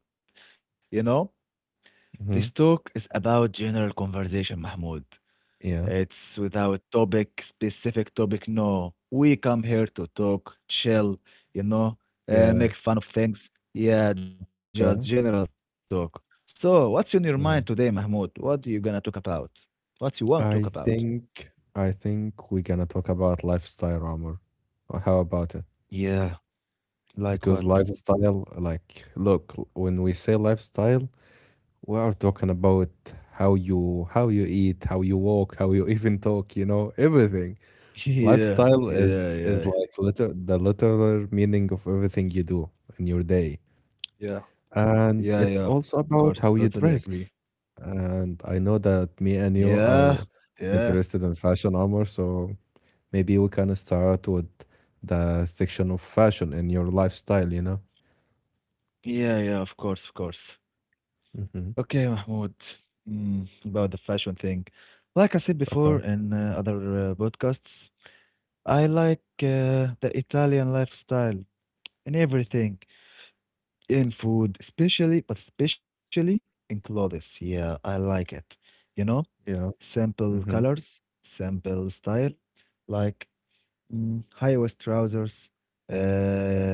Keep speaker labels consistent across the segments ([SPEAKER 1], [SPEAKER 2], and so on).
[SPEAKER 1] Okay, Mahmoud. You know,
[SPEAKER 2] Hmm.
[SPEAKER 1] this talk is about general conversation, Mahmoud.
[SPEAKER 2] Yeah,
[SPEAKER 1] It's without topic, specific topic, no. We come here to talk, chill, you know,
[SPEAKER 2] yeah,
[SPEAKER 1] make fun of things. Yeah,
[SPEAKER 2] okay.
[SPEAKER 1] just general talk. So, what's in your
[SPEAKER 2] Yeah.
[SPEAKER 1] mind today, Mahmoud? What are you gonna talk about? What you want to
[SPEAKER 2] I
[SPEAKER 1] talk about?
[SPEAKER 2] think I think we're gonna talk about lifestyle, Amr. How about it?
[SPEAKER 1] Yeah,
[SPEAKER 2] Because
[SPEAKER 1] like what?
[SPEAKER 2] lifestyle, like, look, when we say lifestyle, we are talking about how you eat, how you walk, how you even talk. You know, everything.
[SPEAKER 1] Yeah,
[SPEAKER 2] Lifestyle
[SPEAKER 1] yeah,
[SPEAKER 2] is is
[SPEAKER 1] yeah,
[SPEAKER 2] like liter the literal meaning of everything you do in your day.
[SPEAKER 1] yeah,
[SPEAKER 2] And
[SPEAKER 1] yeah,
[SPEAKER 2] it's
[SPEAKER 1] yeah, of
[SPEAKER 2] also
[SPEAKER 1] course,
[SPEAKER 2] about how
[SPEAKER 1] totally
[SPEAKER 2] you
[SPEAKER 1] agree.
[SPEAKER 2] dress. And I know that me and you
[SPEAKER 1] Yeah,
[SPEAKER 2] are
[SPEAKER 1] yeah,
[SPEAKER 2] interested in fashion armor, so maybe we can start with the section of fashion in your lifestyle, you know?
[SPEAKER 1] yeah, yeah, of course, of course.
[SPEAKER 2] Hmm.
[SPEAKER 1] Okay, Mahmoud, about the fashion thing. Like I said before
[SPEAKER 2] Okay.
[SPEAKER 1] in other podcasts, I like the Italian lifestyle in everything, in food, especially, but especially in clothes. Yeah, I like it. You know,
[SPEAKER 2] Yeah.
[SPEAKER 1] simple
[SPEAKER 2] Mm-hmm.
[SPEAKER 1] colors, simple style like high waist trousers, uh,
[SPEAKER 2] Yeah.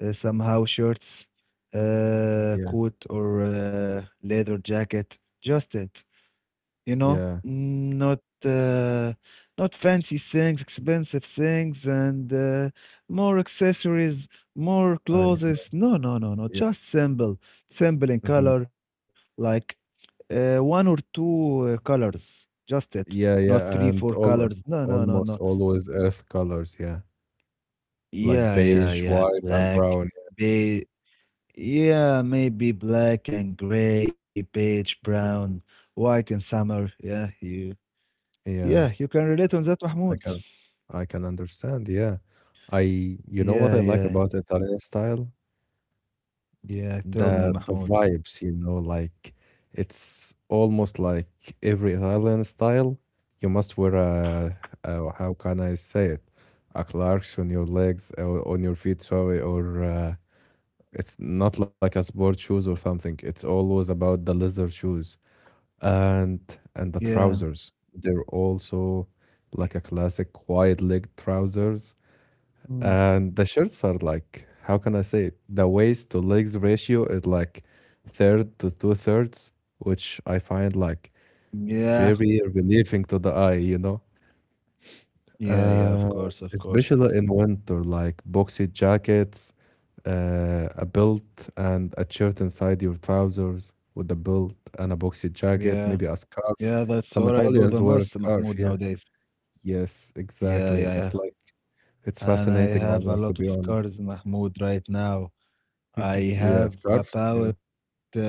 [SPEAKER 1] somehow shirts,
[SPEAKER 2] Yeah.
[SPEAKER 1] coat or leather jacket, just it,
[SPEAKER 2] Yeah.
[SPEAKER 1] Not uh, not fancy things, expensive things, and more accessories, more
[SPEAKER 2] I
[SPEAKER 1] clothes. No, no, no, no,
[SPEAKER 2] Yeah.
[SPEAKER 1] just simple, simple in
[SPEAKER 2] Mm-hmm.
[SPEAKER 1] color, like one or two colors, just it,
[SPEAKER 2] Yeah.
[SPEAKER 1] not three,
[SPEAKER 2] Yeah.
[SPEAKER 1] four
[SPEAKER 2] And all
[SPEAKER 1] colors. No, no, no,
[SPEAKER 2] almost
[SPEAKER 1] no.
[SPEAKER 2] always earth colors. Yeah. Like
[SPEAKER 1] Yeah, yeah,
[SPEAKER 2] beige,
[SPEAKER 1] yeah.
[SPEAKER 2] white, and
[SPEAKER 1] Black,
[SPEAKER 2] brown.
[SPEAKER 1] be yeah, maybe black and gray, beige, brown, white in summer.
[SPEAKER 2] Yeah.
[SPEAKER 1] Yeah, you can relate on that,
[SPEAKER 2] I
[SPEAKER 1] Mahmoud.
[SPEAKER 2] can I can understand, yeah. I You know what
[SPEAKER 1] Yeah,
[SPEAKER 2] I like
[SPEAKER 1] yeah,
[SPEAKER 2] about Italian style?
[SPEAKER 1] yeah. Tell me,
[SPEAKER 2] The
[SPEAKER 1] Mahmoud.
[SPEAKER 2] vibes, you know, like it's almost like every Italian style, you must wear a, how can I say it? A Clarks on your legs or on your feet, sorry, or it's not like a sport shoes or something. It's always about the leather shoes and the
[SPEAKER 1] Yeah.
[SPEAKER 2] trousers. They're also like a classic wide leg trousers.
[SPEAKER 1] mm,
[SPEAKER 2] And the shirts are like, how can I say it? The waist to legs ratio is like third to two thirds, which I find like
[SPEAKER 1] Yeah,
[SPEAKER 2] very relieving to the eye, you know?
[SPEAKER 1] yeah,
[SPEAKER 2] Uh,
[SPEAKER 1] yeah, of course, of course.
[SPEAKER 2] especially in winter, like boxy jackets, a belt, and a shirt inside your trousers with a belt and a boxy jacket,
[SPEAKER 1] Yeah.
[SPEAKER 2] maybe a scarf.
[SPEAKER 1] Yeah, that's
[SPEAKER 2] Some
[SPEAKER 1] what I do
[SPEAKER 2] Italians
[SPEAKER 1] the
[SPEAKER 2] wear a
[SPEAKER 1] most,
[SPEAKER 2] scarf, yeah.
[SPEAKER 1] Mahmoud, nowadays.
[SPEAKER 2] Yes, exactly.
[SPEAKER 1] Yeah,
[SPEAKER 2] It's
[SPEAKER 1] yeah,
[SPEAKER 2] like,
[SPEAKER 1] yeah.
[SPEAKER 2] it's
[SPEAKER 1] And
[SPEAKER 2] fascinating,
[SPEAKER 1] I
[SPEAKER 2] Omar, to
[SPEAKER 1] have
[SPEAKER 2] be
[SPEAKER 1] a lot of
[SPEAKER 2] honest.
[SPEAKER 1] scars, Mahmoud, right now.
[SPEAKER 2] Mhm.
[SPEAKER 1] I
[SPEAKER 2] Yeah, scarves.
[SPEAKER 1] have
[SPEAKER 2] Yeah.
[SPEAKER 1] about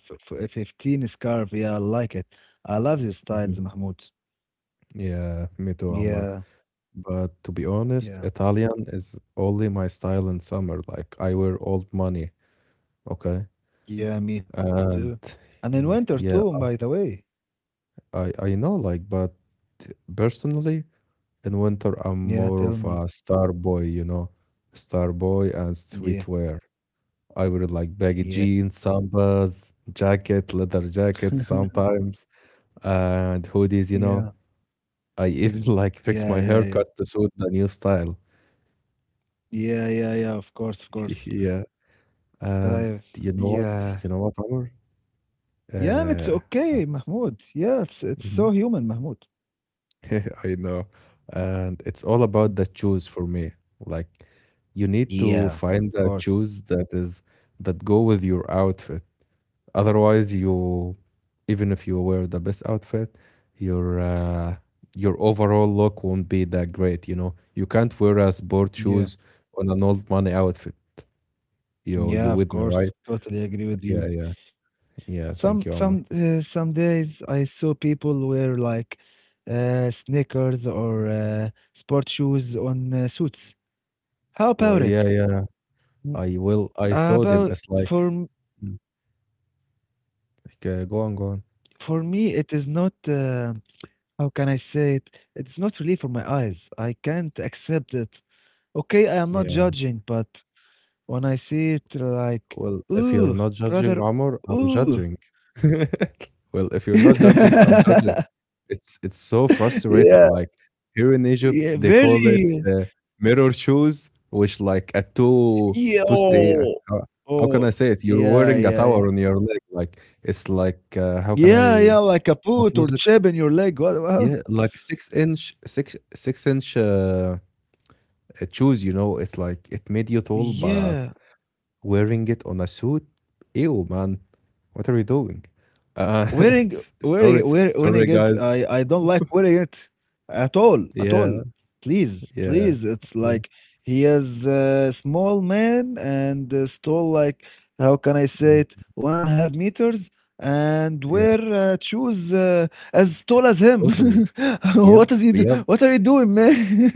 [SPEAKER 1] f f 15 scarf. Yeah, I like it. I love these
[SPEAKER 2] Mhm.
[SPEAKER 1] styles, Mahmoud.
[SPEAKER 2] Yeah, me too, Omar.
[SPEAKER 1] Yeah,
[SPEAKER 2] But to be honest,
[SPEAKER 1] yeah,
[SPEAKER 2] Italian is only my style in summer. Like I wear old money, okay?
[SPEAKER 1] yeah, me
[SPEAKER 2] And
[SPEAKER 1] too. And in
[SPEAKER 2] yeah,
[SPEAKER 1] winter
[SPEAKER 2] yeah,
[SPEAKER 1] too, by the way.
[SPEAKER 2] I know, like, but personally in winter I'm more of
[SPEAKER 1] Yeah,
[SPEAKER 2] a
[SPEAKER 1] tell me.
[SPEAKER 2] star boy, you know. Star boy and streetwear.
[SPEAKER 1] Yeah,
[SPEAKER 2] I wear like baggy jeans,
[SPEAKER 1] yeah,
[SPEAKER 2] sambas, jacket, leather jackets sometimes, and hoodies, you know.
[SPEAKER 1] yeah,
[SPEAKER 2] I even like fixed my
[SPEAKER 1] yeah,
[SPEAKER 2] haircut
[SPEAKER 1] yeah,
[SPEAKER 2] to
[SPEAKER 1] yeah,
[SPEAKER 2] suit the new style.
[SPEAKER 1] yeah, yeah, yeah. Of course, of
[SPEAKER 2] Yeah,
[SPEAKER 1] course.
[SPEAKER 2] and you
[SPEAKER 1] I,
[SPEAKER 2] know what? You know what,
[SPEAKER 1] yeah,
[SPEAKER 2] Amr?
[SPEAKER 1] yeah. It's
[SPEAKER 2] Uh, uh,
[SPEAKER 1] okay, Mahmoud. Yeah, it's
[SPEAKER 2] mhm.
[SPEAKER 1] so human, Mahmoud.
[SPEAKER 2] I know, and it's all about the shoes for me. Like, you need to
[SPEAKER 1] Yeah,
[SPEAKER 2] find
[SPEAKER 1] of
[SPEAKER 2] the shoes
[SPEAKER 1] course.
[SPEAKER 2] that is that go with your outfit. Otherwise, you Even if you wear the best outfit, your uh, your overall look won't be that great. You know, you can't wear a sport shoes
[SPEAKER 1] Yeah,
[SPEAKER 2] on an old money outfit. Yo, you
[SPEAKER 1] yeah,
[SPEAKER 2] with
[SPEAKER 1] of
[SPEAKER 2] me, right?
[SPEAKER 1] course. Totally agree with
[SPEAKER 2] Yeah,
[SPEAKER 1] you.
[SPEAKER 2] yeah,
[SPEAKER 1] Some
[SPEAKER 2] yeah.
[SPEAKER 1] some
[SPEAKER 2] Thank you,
[SPEAKER 1] uh,
[SPEAKER 2] Omar.
[SPEAKER 1] some days I saw people wear like sneakers or sport shoes on suits. How
[SPEAKER 2] Well,
[SPEAKER 1] about it?
[SPEAKER 2] yeah, yeah.
[SPEAKER 1] Mm,
[SPEAKER 2] I will. I saw them
[SPEAKER 1] About
[SPEAKER 2] as like,
[SPEAKER 1] for m-
[SPEAKER 2] mm, okay, go on, go on.
[SPEAKER 1] for me, it is not. How can I say it? It's not really for my eyes. I can't accept it. Okay, I am not
[SPEAKER 2] Yeah.
[SPEAKER 1] judging, but when I see it, like,
[SPEAKER 2] Well, if you're
[SPEAKER 1] ooh,
[SPEAKER 2] not
[SPEAKER 1] brother,
[SPEAKER 2] judging Omar,
[SPEAKER 1] ooh.
[SPEAKER 2] I'm judging. Well, if you're not judging, I'm judging. It's so
[SPEAKER 1] Yeah,
[SPEAKER 2] frustrating. Like here in Egypt,
[SPEAKER 1] yeah,
[SPEAKER 2] they call it
[SPEAKER 1] very.
[SPEAKER 2] uh, mirror shoes, which like a two
[SPEAKER 1] Yeah,
[SPEAKER 2] two stay.
[SPEAKER 1] oh,
[SPEAKER 2] How can
[SPEAKER 1] oh,
[SPEAKER 2] I say it? You're
[SPEAKER 1] yeah,
[SPEAKER 2] wearing a
[SPEAKER 1] yeah, yeah.
[SPEAKER 2] tower on your leg. Like it's like how
[SPEAKER 1] Yeah,
[SPEAKER 2] can
[SPEAKER 1] yeah, like
[SPEAKER 2] I?
[SPEAKER 1] a boot or
[SPEAKER 2] What was
[SPEAKER 1] chip
[SPEAKER 2] it?
[SPEAKER 1] in your leg. What?
[SPEAKER 2] Yeah, like six inch shoes. You know, it's like it made you tall, but
[SPEAKER 1] Yeah,
[SPEAKER 2] wearing it on a suit, ew, man, what are you doing? Uh,
[SPEAKER 1] wearing
[SPEAKER 2] s-
[SPEAKER 1] wearing
[SPEAKER 2] sorry,
[SPEAKER 1] wear, wearing
[SPEAKER 2] sorry,
[SPEAKER 1] it. I
[SPEAKER 2] guys.
[SPEAKER 1] I don't like wearing it at all, at all.
[SPEAKER 2] Yeah,
[SPEAKER 1] Please,
[SPEAKER 2] yeah.
[SPEAKER 1] please. It's
[SPEAKER 2] Mm,
[SPEAKER 1] like he is a small man and tall, like how can I say
[SPEAKER 2] mm,
[SPEAKER 1] it, 1.5 meters, and
[SPEAKER 2] yeah.
[SPEAKER 1] wear shoes as tall as
[SPEAKER 2] It's
[SPEAKER 1] him.
[SPEAKER 2] totally. Yep,
[SPEAKER 1] What is he do?
[SPEAKER 2] yep.
[SPEAKER 1] What are you doing, man?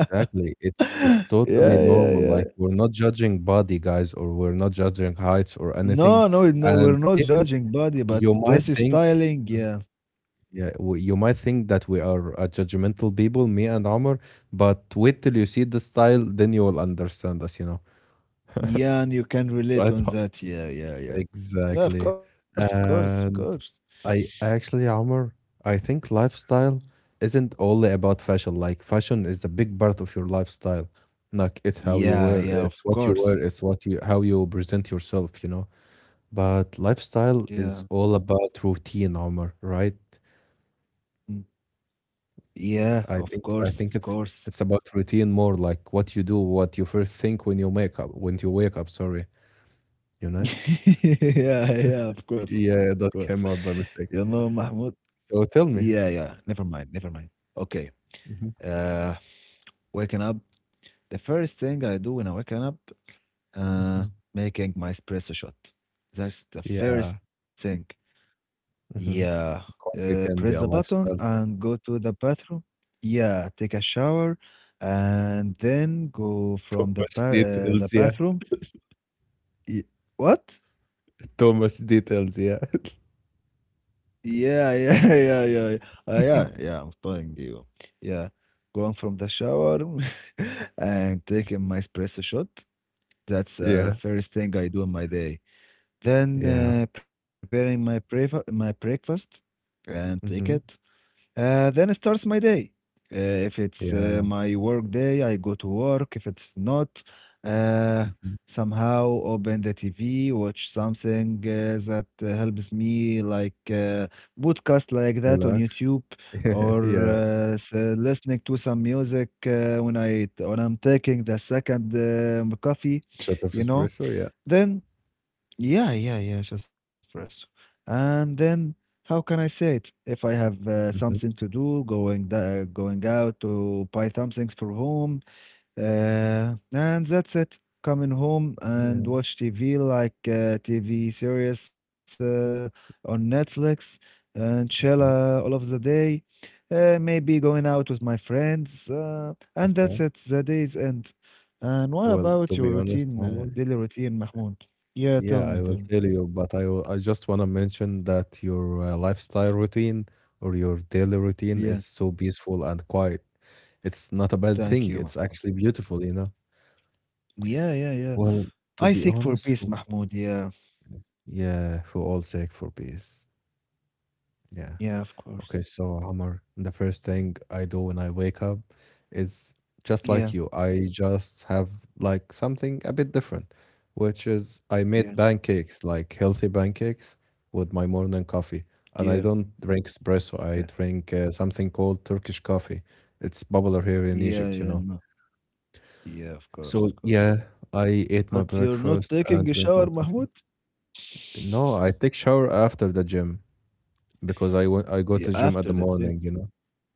[SPEAKER 2] It's totally
[SPEAKER 1] Yeah, yeah,
[SPEAKER 2] normal.
[SPEAKER 1] yeah.
[SPEAKER 2] Like we're not judging body, guys, or we're not judging heights or
[SPEAKER 1] No,
[SPEAKER 2] anything.
[SPEAKER 1] no, no, we're
[SPEAKER 2] And
[SPEAKER 1] not
[SPEAKER 2] even
[SPEAKER 1] judging body, but
[SPEAKER 2] you might
[SPEAKER 1] this is
[SPEAKER 2] think,
[SPEAKER 1] styling, yeah.
[SPEAKER 2] yeah, you might think that we are a judgmental people, me and Omar, but wait till you see the style, then you will understand us, you know.
[SPEAKER 1] Yeah, and you can relate
[SPEAKER 2] Right,
[SPEAKER 1] on
[SPEAKER 2] Omar?
[SPEAKER 1] that. Yeah, yeah, yeah. Yeah, of
[SPEAKER 2] Exactly.
[SPEAKER 1] course, of course, of course.
[SPEAKER 2] And I actually, Omar, I think lifestyle isn't only about fashion. Like fashion is a big part of your lifestyle. Like it's how you
[SPEAKER 1] Yeah,
[SPEAKER 2] wear,
[SPEAKER 1] yeah, of
[SPEAKER 2] it's what you
[SPEAKER 1] course.
[SPEAKER 2] wear, it's what you how you present yourself, you know. But
[SPEAKER 1] Yeah.
[SPEAKER 2] lifestyle is all about routine, Omar, right?
[SPEAKER 1] mm, Yeah,
[SPEAKER 2] I
[SPEAKER 1] of
[SPEAKER 2] think I
[SPEAKER 1] course,
[SPEAKER 2] think
[SPEAKER 1] of
[SPEAKER 2] it's
[SPEAKER 1] course.
[SPEAKER 2] it's about routine, more like what you do, what you first think when you wake up, sorry, you know?
[SPEAKER 1] Yeah, yeah, of course, of
[SPEAKER 2] Yeah,
[SPEAKER 1] course.
[SPEAKER 2] that came out by
[SPEAKER 1] You know,
[SPEAKER 2] mistake.
[SPEAKER 1] Mahmoud.
[SPEAKER 2] So tell
[SPEAKER 1] Yeah,
[SPEAKER 2] me.
[SPEAKER 1] yeah. Never mind, never mind. Okay.
[SPEAKER 2] Mhm,
[SPEAKER 1] Uh, Waking up. The first thing I do when I waken up Uh,
[SPEAKER 2] mhm.
[SPEAKER 1] Making my espresso shot. That's the first
[SPEAKER 2] Yeah.
[SPEAKER 1] thing. Yeah.
[SPEAKER 2] Mhm. Coffee
[SPEAKER 1] Press the
[SPEAKER 2] can be a
[SPEAKER 1] button
[SPEAKER 2] lifestyle.
[SPEAKER 1] and go to the bathroom. Yeah, take a shower and then go
[SPEAKER 2] Too
[SPEAKER 1] from
[SPEAKER 2] much
[SPEAKER 1] the
[SPEAKER 2] details, yeah.
[SPEAKER 1] bathroom. Y what?
[SPEAKER 2] Too much details, yeah.
[SPEAKER 1] Yeah, yeah, yeah, yeah, yeah. Yeah, yeah, I'm telling you. Yeah, going from the shower and taking my espresso shot. That's the
[SPEAKER 2] Yeah.
[SPEAKER 1] first thing I do in my day. Then
[SPEAKER 2] Yeah.
[SPEAKER 1] preparing my breakfast and take it.
[SPEAKER 2] Hmm.
[SPEAKER 1] Then it starts my day. Uh, if it's
[SPEAKER 2] Yeah.
[SPEAKER 1] my work day, I go to work. If it's not, uh,
[SPEAKER 2] Hmm.
[SPEAKER 1] somehow open the TV, watch something that helps me, like podcast like that on
[SPEAKER 2] Relax.
[SPEAKER 1] YouTube, or
[SPEAKER 2] Yeah.
[SPEAKER 1] listening to some music when I'm taking the second coffee,
[SPEAKER 2] Shot of
[SPEAKER 1] you know.
[SPEAKER 2] espresso, yeah.
[SPEAKER 1] Then yeah, yeah, yeah, just press. And then how can I say it? If I have something
[SPEAKER 2] Hmm.
[SPEAKER 1] to do, going out to buy some things for home, and that's it. Coming home
[SPEAKER 2] Yeah.
[SPEAKER 1] and watch TV like TV series on Netflix and chill
[SPEAKER 2] Okay.
[SPEAKER 1] all of the day. Maybe going out with my friends, and that's
[SPEAKER 2] Okay.
[SPEAKER 1] it. The day's end. And what
[SPEAKER 2] Well, to
[SPEAKER 1] about your
[SPEAKER 2] be honest,
[SPEAKER 1] routine,
[SPEAKER 2] Omar,
[SPEAKER 1] daily routine, Mahmoud? Yeah,
[SPEAKER 2] yeah,
[SPEAKER 1] tell
[SPEAKER 2] I
[SPEAKER 1] me,
[SPEAKER 2] will
[SPEAKER 1] tell me.
[SPEAKER 2] tell you, but I just want to mention that your lifestyle routine or your daily routine
[SPEAKER 1] Yeah,
[SPEAKER 2] is so peaceful and quiet. It's not a bad
[SPEAKER 1] thank
[SPEAKER 2] thing.
[SPEAKER 1] you,
[SPEAKER 2] It's
[SPEAKER 1] Mahmoud.
[SPEAKER 2] actually beautiful, you know.
[SPEAKER 1] Yeah, yeah, yeah.
[SPEAKER 2] Well, to
[SPEAKER 1] I
[SPEAKER 2] be
[SPEAKER 1] seek for
[SPEAKER 2] honest,
[SPEAKER 1] peace,
[SPEAKER 2] for
[SPEAKER 1] Mahmoud. Yeah,
[SPEAKER 2] Yeah, for all sake, for peace. Yeah.
[SPEAKER 1] yeah, of course.
[SPEAKER 2] Okay, so Hammer, the first thing I do when I wake up is just
[SPEAKER 1] Yeah,
[SPEAKER 2] like you. I just have like something a bit different, which is I
[SPEAKER 1] yeah,
[SPEAKER 2] made pancakes, like healthy pancakes with my morning coffee.
[SPEAKER 1] yeah,
[SPEAKER 2] And I don't drink
[SPEAKER 1] yeah,
[SPEAKER 2] espresso, I drink something called Turkish coffee. It's popular here in
[SPEAKER 1] yeah,
[SPEAKER 2] Egypt, you
[SPEAKER 1] yeah,
[SPEAKER 2] know.
[SPEAKER 1] no. Yeah, of course,
[SPEAKER 2] So
[SPEAKER 1] of course.
[SPEAKER 2] yeah, I ate my
[SPEAKER 1] But you're not
[SPEAKER 2] breakfast and
[SPEAKER 1] taking a
[SPEAKER 2] drink
[SPEAKER 1] shower,
[SPEAKER 2] my coffee.
[SPEAKER 1] Mahmoud?
[SPEAKER 2] No, I take shower after the gym, because
[SPEAKER 1] Yeah,
[SPEAKER 2] I go to
[SPEAKER 1] after
[SPEAKER 2] gym
[SPEAKER 1] the
[SPEAKER 2] at the
[SPEAKER 1] gym.
[SPEAKER 2] morning, you know.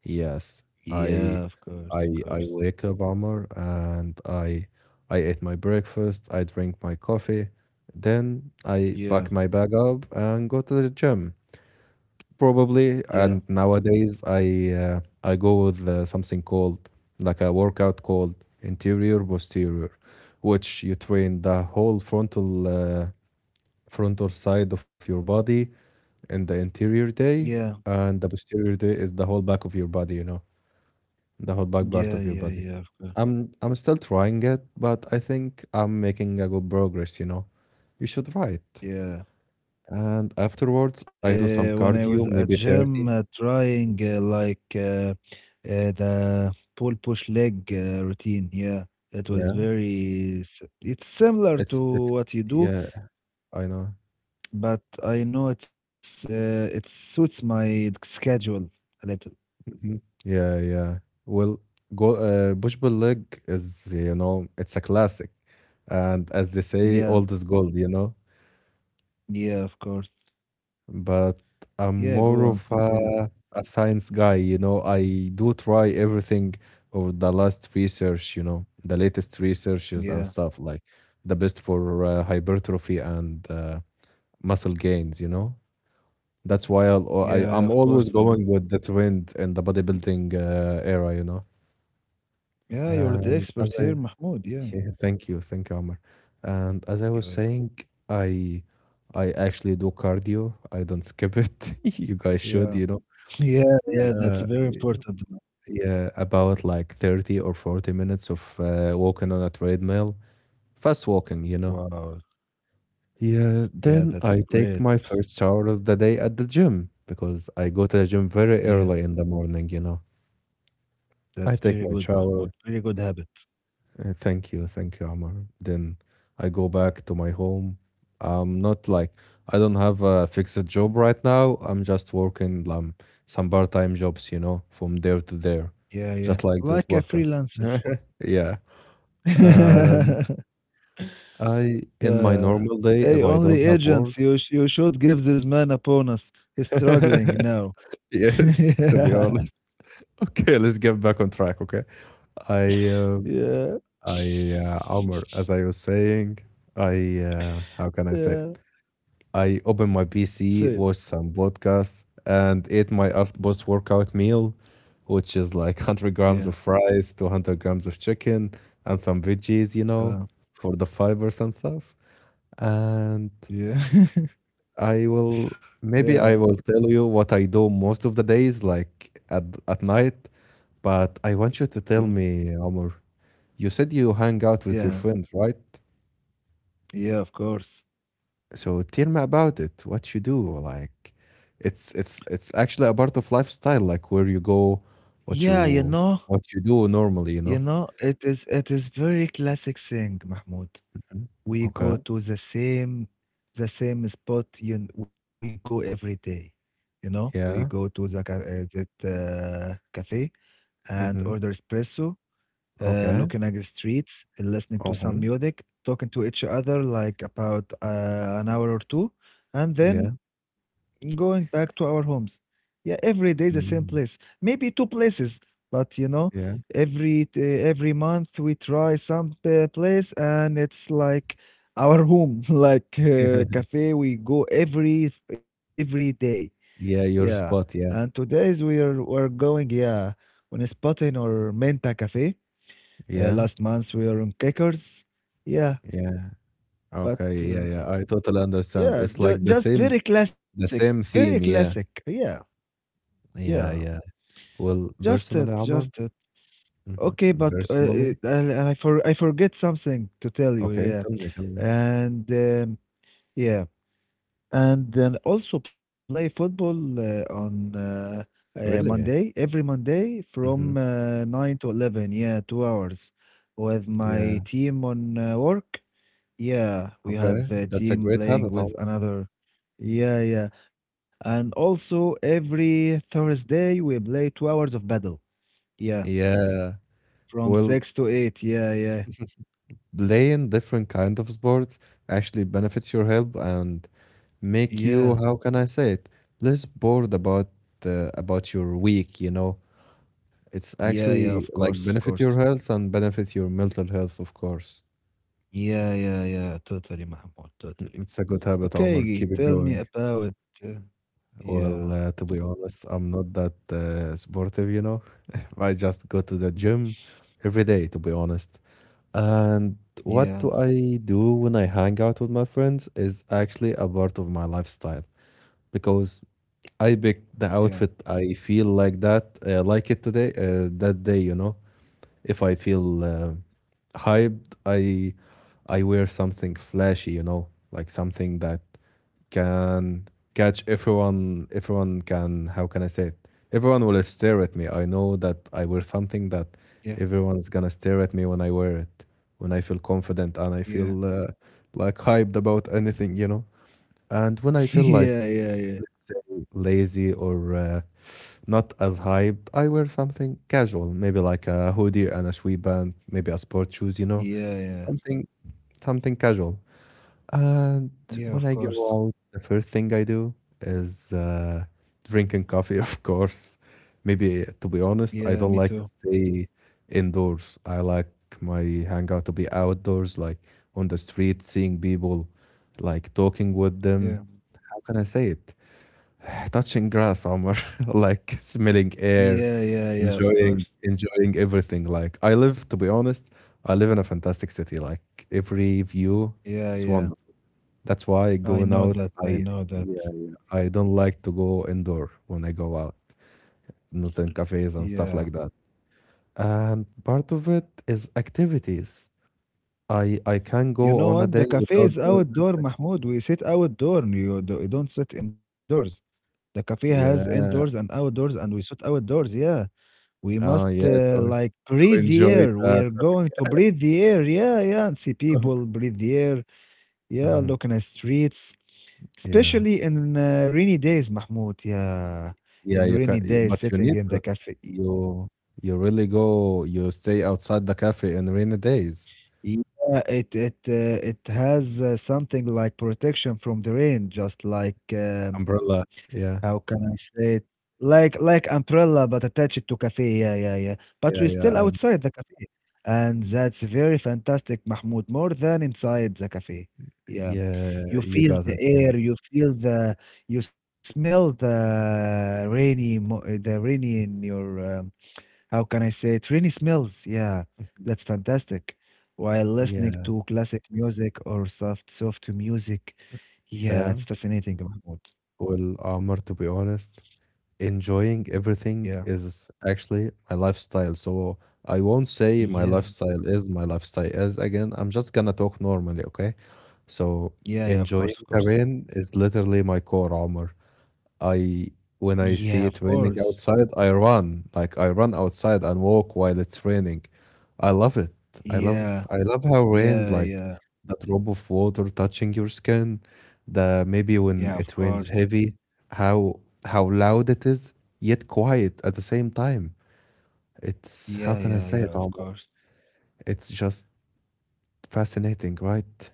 [SPEAKER 2] Yes, I
[SPEAKER 1] Yeah, of course,
[SPEAKER 2] I
[SPEAKER 1] of
[SPEAKER 2] I
[SPEAKER 1] course.
[SPEAKER 2] wake up, Omar, and I ate my breakfast, I drink my coffee, then I
[SPEAKER 1] Yeah,
[SPEAKER 2] pack my bag up and go to the gym probably.
[SPEAKER 1] yeah,
[SPEAKER 2] And nowadays I go with something called, like a workout called interior posterior, which you train the whole frontal side of your body and the anterior
[SPEAKER 1] yeah,
[SPEAKER 2] day, and the posterior day is the whole back of your body, you know, the whole back part
[SPEAKER 1] yeah,
[SPEAKER 2] of your
[SPEAKER 1] yeah,
[SPEAKER 2] body.
[SPEAKER 1] yeah, of course.
[SPEAKER 2] I'm still trying it, but I think I'm making a good progress, you know. You should write.
[SPEAKER 1] Yeah.
[SPEAKER 2] And afterwards I do
[SPEAKER 1] When
[SPEAKER 2] some
[SPEAKER 1] I was at
[SPEAKER 2] cardio, maybe
[SPEAKER 1] gym,
[SPEAKER 2] 30.
[SPEAKER 1] trying the pull push leg routine. Yeah, it was
[SPEAKER 2] Yeah.
[SPEAKER 1] very. S- It's similar to
[SPEAKER 2] It's
[SPEAKER 1] what you do,
[SPEAKER 2] yeah, I know.
[SPEAKER 1] but I know it's it suits my schedule a little.
[SPEAKER 2] Hmm. Yeah, yeah. Well, go push pull leg is, you know, it's a classic. And as they say, old is
[SPEAKER 1] Yeah,
[SPEAKER 2] gold, you know.
[SPEAKER 1] yeah, of course.
[SPEAKER 2] But I'm
[SPEAKER 1] Yeah, go
[SPEAKER 2] more
[SPEAKER 1] on,
[SPEAKER 2] of
[SPEAKER 1] continue.
[SPEAKER 2] a science guy, you know. I do try everything or the last research, you know, the latest researches and
[SPEAKER 1] Yeah,
[SPEAKER 2] stuff like the best for hypertrophy and muscle gains, you know. That's why
[SPEAKER 1] yeah, of
[SPEAKER 2] I'm
[SPEAKER 1] course I
[SPEAKER 2] always
[SPEAKER 1] know.
[SPEAKER 2] going with the trend in the bodybuilding era, you know.
[SPEAKER 1] Yeah, you're the
[SPEAKER 2] And as
[SPEAKER 1] expert
[SPEAKER 2] I,
[SPEAKER 1] here, Mahmoud. Yeah,
[SPEAKER 2] yeah, thank you, Amr. And as I
[SPEAKER 1] you're
[SPEAKER 2] was
[SPEAKER 1] welcome.
[SPEAKER 2] saying, I I actually do cardio. I don't skip it. You guys
[SPEAKER 1] Yeah,
[SPEAKER 2] should, you know.
[SPEAKER 1] yeah, yeah. That's
[SPEAKER 2] Uh,
[SPEAKER 1] very
[SPEAKER 2] y-
[SPEAKER 1] important.
[SPEAKER 2] yeah, about like 30 or 40 minutes of walking on a treadmill, fast walking, you know.
[SPEAKER 1] Wow.
[SPEAKER 2] Yeah,
[SPEAKER 1] Yeah,
[SPEAKER 2] then
[SPEAKER 1] that's
[SPEAKER 2] I
[SPEAKER 1] a
[SPEAKER 2] take
[SPEAKER 1] great.
[SPEAKER 2] my first shower of the day at the gym because I go to the gym
[SPEAKER 1] Yeah,
[SPEAKER 2] very early in the morning, you know.
[SPEAKER 1] that's
[SPEAKER 2] I take
[SPEAKER 1] very
[SPEAKER 2] my
[SPEAKER 1] good,
[SPEAKER 2] shower.
[SPEAKER 1] Mahmoud. Very good habit.
[SPEAKER 2] Thank you, thank you, Amar. Then I go back to my home. I'm not like I don't have a fixed job right now. I'm just working some part-time jobs, you know, from there to there,
[SPEAKER 1] Yeah, yeah.
[SPEAKER 2] just like this
[SPEAKER 1] Like a
[SPEAKER 2] podcast.
[SPEAKER 1] freelancer.
[SPEAKER 2] Yeah. Um, I, in my
[SPEAKER 1] Yeah.
[SPEAKER 2] normal day, if
[SPEAKER 1] Hey,
[SPEAKER 2] I
[SPEAKER 1] only
[SPEAKER 2] don't have work,
[SPEAKER 1] agents, you should give this man a bonus. He's struggling now.
[SPEAKER 2] yes, to be
[SPEAKER 1] Yeah.
[SPEAKER 2] honest. Okay, let's get back on track. Okay, I, uh,
[SPEAKER 1] Yeah.
[SPEAKER 2] Amr, as I was saying, how can I say?
[SPEAKER 1] Yeah.
[SPEAKER 2] I opened my
[SPEAKER 1] Say it.
[SPEAKER 2] PC, watched some podcasts, and ate my post workout meal, which is like 100
[SPEAKER 1] Yeah.
[SPEAKER 2] grams of rice, 200 grams of chicken, and some veggies, you know,
[SPEAKER 1] Uh,
[SPEAKER 2] for the fibers and stuff. And
[SPEAKER 1] yeah. Yeah.
[SPEAKER 2] maybe I will tell you what I do most of the days, like at night, but I want you to tell
[SPEAKER 1] Yeah.
[SPEAKER 2] me, Omar, you said you hang out with your
[SPEAKER 1] Yeah.
[SPEAKER 2] friends, right?
[SPEAKER 1] Yeah, of course.
[SPEAKER 2] So tell me about it. What you do? Like, it's actually a part of lifestyle. Like where you go, what
[SPEAKER 1] Yeah,
[SPEAKER 2] you what you do normally. You
[SPEAKER 1] you
[SPEAKER 2] know.
[SPEAKER 1] know, it is very classic thing, Mahmoud.
[SPEAKER 2] Mhm.
[SPEAKER 1] We go
[SPEAKER 2] Okay.
[SPEAKER 1] to the same spot we go every day. You know, we go to
[SPEAKER 2] Yeah.
[SPEAKER 1] the ca- that cafe and
[SPEAKER 2] Mm-hmm.
[SPEAKER 1] order espresso,
[SPEAKER 2] Okay.
[SPEAKER 1] looking at the streets, listening to some
[SPEAKER 2] Uh-huh.
[SPEAKER 1] music, talking to each other like about an hour or two, and then
[SPEAKER 2] Yeah.
[SPEAKER 1] going back to our homes. Yeah, every day is the same place.
[SPEAKER 2] Mm.
[SPEAKER 1] Maybe two places, but you know,
[SPEAKER 2] Yeah.
[SPEAKER 1] every month we try some place, and it's like our home, like cafe. We go every day.
[SPEAKER 2] Yeah.
[SPEAKER 1] Yeah,
[SPEAKER 2] Your spot.
[SPEAKER 1] and
[SPEAKER 2] Yeah.
[SPEAKER 1] today's we're going yeah on a spot in or Menta Cafe.
[SPEAKER 2] Yeah.
[SPEAKER 1] Last month we were on Kickers. Yeah,
[SPEAKER 2] Yeah.
[SPEAKER 1] but
[SPEAKER 2] Okay. Yeah. Yeah. I totally understand.
[SPEAKER 1] yeah,
[SPEAKER 2] It's like the
[SPEAKER 1] just
[SPEAKER 2] theme.
[SPEAKER 1] very classic,
[SPEAKER 2] The
[SPEAKER 1] very
[SPEAKER 2] same theme.
[SPEAKER 1] classic.
[SPEAKER 2] Yeah.
[SPEAKER 1] Yeah, yeah,
[SPEAKER 2] Yeah. Yeah. Well,
[SPEAKER 1] just it,
[SPEAKER 2] personally,
[SPEAKER 1] just
[SPEAKER 2] Omar.
[SPEAKER 1] it.
[SPEAKER 2] Hmm.
[SPEAKER 1] Okay, but
[SPEAKER 2] Personally.
[SPEAKER 1] I forget something to tell you.
[SPEAKER 2] Okay.
[SPEAKER 1] Yeah,
[SPEAKER 2] Tell me. Tell me.
[SPEAKER 1] and um, yeah, and then also play football on Monday
[SPEAKER 2] Really?
[SPEAKER 1] every Monday from
[SPEAKER 2] Hmm.
[SPEAKER 1] 9 to 11. Yeah, 2 hours with my
[SPEAKER 2] Yeah,
[SPEAKER 1] team on work. Yeah, we
[SPEAKER 2] okay.
[SPEAKER 1] have a
[SPEAKER 2] That's a
[SPEAKER 1] team
[SPEAKER 2] great
[SPEAKER 1] playing
[SPEAKER 2] habit,
[SPEAKER 1] with
[SPEAKER 2] Omar.
[SPEAKER 1] another. Yeah, yeah. And also every Thursday we play 2 hours of battle. Yeah,
[SPEAKER 2] Yeah.
[SPEAKER 1] from
[SPEAKER 2] Well,
[SPEAKER 1] 6 to 8. Yeah, yeah.
[SPEAKER 2] playing different kind of sports actually benefits your health and make you,
[SPEAKER 1] Yeah.
[SPEAKER 2] how can I say it, less bored about your week, you know. It's
[SPEAKER 1] Yeah, yeah, of
[SPEAKER 2] actually like
[SPEAKER 1] course, of
[SPEAKER 2] benefit
[SPEAKER 1] course.
[SPEAKER 2] your health and benefit your mental health, of course.
[SPEAKER 1] Yeah, yeah, yeah. Totally, Mahmoud, totally.
[SPEAKER 2] Mm, it's a good habit, Omar.
[SPEAKER 1] Okay,
[SPEAKER 2] Keep it
[SPEAKER 1] tell me
[SPEAKER 2] going.
[SPEAKER 1] about uh,
[SPEAKER 2] Well,
[SPEAKER 1] yeah,
[SPEAKER 2] to be honest, I'm not that sportive, you know. I just go to the gym every day, to be honest. And what
[SPEAKER 1] yeah,
[SPEAKER 2] do I do when I hang out with my friends is actually a part of my lifestyle because I
[SPEAKER 1] yeah,
[SPEAKER 2] pick the outfit I feel like like it today, that day, you know. If I feel hyped, I wear something flashy, you know, like something that can catch everyone, everyone can how can I say it? Everyone will stare at me. I know that I wear something that
[SPEAKER 1] yeah,
[SPEAKER 2] everyone's gonna stare at me when I wear it, when I feel confident and I
[SPEAKER 1] yeah.
[SPEAKER 2] feel like hyped about anything. And when I feel like
[SPEAKER 1] Yeah, yeah, yeah.
[SPEAKER 2] let's say lazy or not as hyped, I wear something casual, maybe like a hoodie and a sweatband, maybe a sport shoes,
[SPEAKER 1] Yeah, yeah.
[SPEAKER 2] something something casual. And
[SPEAKER 1] Yeah,
[SPEAKER 2] when
[SPEAKER 1] of
[SPEAKER 2] I go
[SPEAKER 1] course.
[SPEAKER 2] out, the first thing I do is drinking coffee, of course. Maybe, to be honest,
[SPEAKER 1] Yeah,
[SPEAKER 2] I
[SPEAKER 1] me
[SPEAKER 2] don't like
[SPEAKER 1] too.
[SPEAKER 2] to stay indoors. I like my hangout to be outdoors, like on the street, seeing people, like talking with
[SPEAKER 1] Yeah.
[SPEAKER 2] them. How can I say it? Touching grass, Omar, like smelling
[SPEAKER 1] Yeah,
[SPEAKER 2] air,
[SPEAKER 1] yeah, yeah, of course.
[SPEAKER 2] enjoying, enjoying everything. Like I live, to be honest, I live in a fantastic city. Like every view
[SPEAKER 1] Yeah,
[SPEAKER 2] is
[SPEAKER 1] yeah.
[SPEAKER 2] wonderful. That's why,
[SPEAKER 1] I
[SPEAKER 2] going
[SPEAKER 1] know
[SPEAKER 2] out,
[SPEAKER 1] that. I
[SPEAKER 2] I
[SPEAKER 1] know that.
[SPEAKER 2] yeah, I don't like to go indoor when I go out, not in cafes and
[SPEAKER 1] Yeah.
[SPEAKER 2] stuff like that. And part of it is activities. I can
[SPEAKER 1] You
[SPEAKER 2] go
[SPEAKER 1] know
[SPEAKER 2] on a
[SPEAKER 1] what? The
[SPEAKER 2] day
[SPEAKER 1] cafe
[SPEAKER 2] without
[SPEAKER 1] is
[SPEAKER 2] doing.
[SPEAKER 1] outdoor, Mahmoud. We sit outdoor. You don't sit indoors. The cafe has indoors and
[SPEAKER 2] Yeah.
[SPEAKER 1] outdoors, and we sit outdoors. Yeah. We must
[SPEAKER 2] Oh yeah. To,
[SPEAKER 1] like
[SPEAKER 2] to
[SPEAKER 1] breathe the
[SPEAKER 2] enjoy
[SPEAKER 1] air. We
[SPEAKER 2] the
[SPEAKER 1] are going to
[SPEAKER 2] traffic.
[SPEAKER 1] breathe the air. Yeah, yeah. And see people, breathe the air. Yeah,
[SPEAKER 2] Mhm.
[SPEAKER 1] looking at streets,
[SPEAKER 2] Yeah.
[SPEAKER 1] especially in rainy days, Mahmoud. Yeah.
[SPEAKER 2] Yeah.
[SPEAKER 1] In
[SPEAKER 2] You can,
[SPEAKER 1] rainy days,
[SPEAKER 2] but you
[SPEAKER 1] sitting
[SPEAKER 2] need
[SPEAKER 1] in the
[SPEAKER 2] to.
[SPEAKER 1] cafe.
[SPEAKER 2] You you really go. You stay outside the cafe in rainy days.
[SPEAKER 1] Yeah, it has something like protection from the rain, just like
[SPEAKER 2] Umbrella.
[SPEAKER 1] how
[SPEAKER 2] Yeah.
[SPEAKER 1] can I say it? Like umbrella, but attach it to cafe. Yeah, yeah, yeah. But we're
[SPEAKER 2] Yeah.
[SPEAKER 1] still
[SPEAKER 2] Yeah.
[SPEAKER 1] outside the cafe, and that's very fantastic, Mahmoud. More than inside the cafe. Yeah,
[SPEAKER 2] Yeah.
[SPEAKER 1] you
[SPEAKER 2] You
[SPEAKER 1] feel
[SPEAKER 2] got
[SPEAKER 1] the
[SPEAKER 2] it. Yeah.
[SPEAKER 1] air, you smell the rainy in your how can I say it? Rainy smells. Yeah, that's fantastic. While listening
[SPEAKER 2] Yeah,
[SPEAKER 1] to classic music or soft, soft music. Yeah,
[SPEAKER 2] yeah.
[SPEAKER 1] it's fascinating, Mahmoud.
[SPEAKER 2] Well, Amr, to be honest, enjoying
[SPEAKER 1] Yeah,
[SPEAKER 2] everything is actually my lifestyle. So I won't say
[SPEAKER 1] yeah,
[SPEAKER 2] my lifestyle is again. I'm just gonna talk normally, okay? So
[SPEAKER 1] yeah, yeah, of
[SPEAKER 2] enjoying
[SPEAKER 1] course, of
[SPEAKER 2] the
[SPEAKER 1] course.
[SPEAKER 2] rain is literally my core, Amr. I When
[SPEAKER 1] Yeah,
[SPEAKER 2] I
[SPEAKER 1] of
[SPEAKER 2] see it
[SPEAKER 1] course.
[SPEAKER 2] raining outside, I run. Like I run outside and walk while it's raining. I love it. I
[SPEAKER 1] Yeah,
[SPEAKER 2] love I love how rain
[SPEAKER 1] yeah,
[SPEAKER 2] like
[SPEAKER 1] yeah,
[SPEAKER 2] that drop of water touching your skin, the maybe when
[SPEAKER 1] yeah, of
[SPEAKER 2] it rains
[SPEAKER 1] course.
[SPEAKER 2] heavy, how loud it is, yet quiet at the same time. It's
[SPEAKER 1] Yeah,
[SPEAKER 2] how can I
[SPEAKER 1] yeah,
[SPEAKER 2] say
[SPEAKER 1] yeah,
[SPEAKER 2] it,
[SPEAKER 1] of
[SPEAKER 2] Omar?
[SPEAKER 1] course.
[SPEAKER 2] It's just fascinating, right?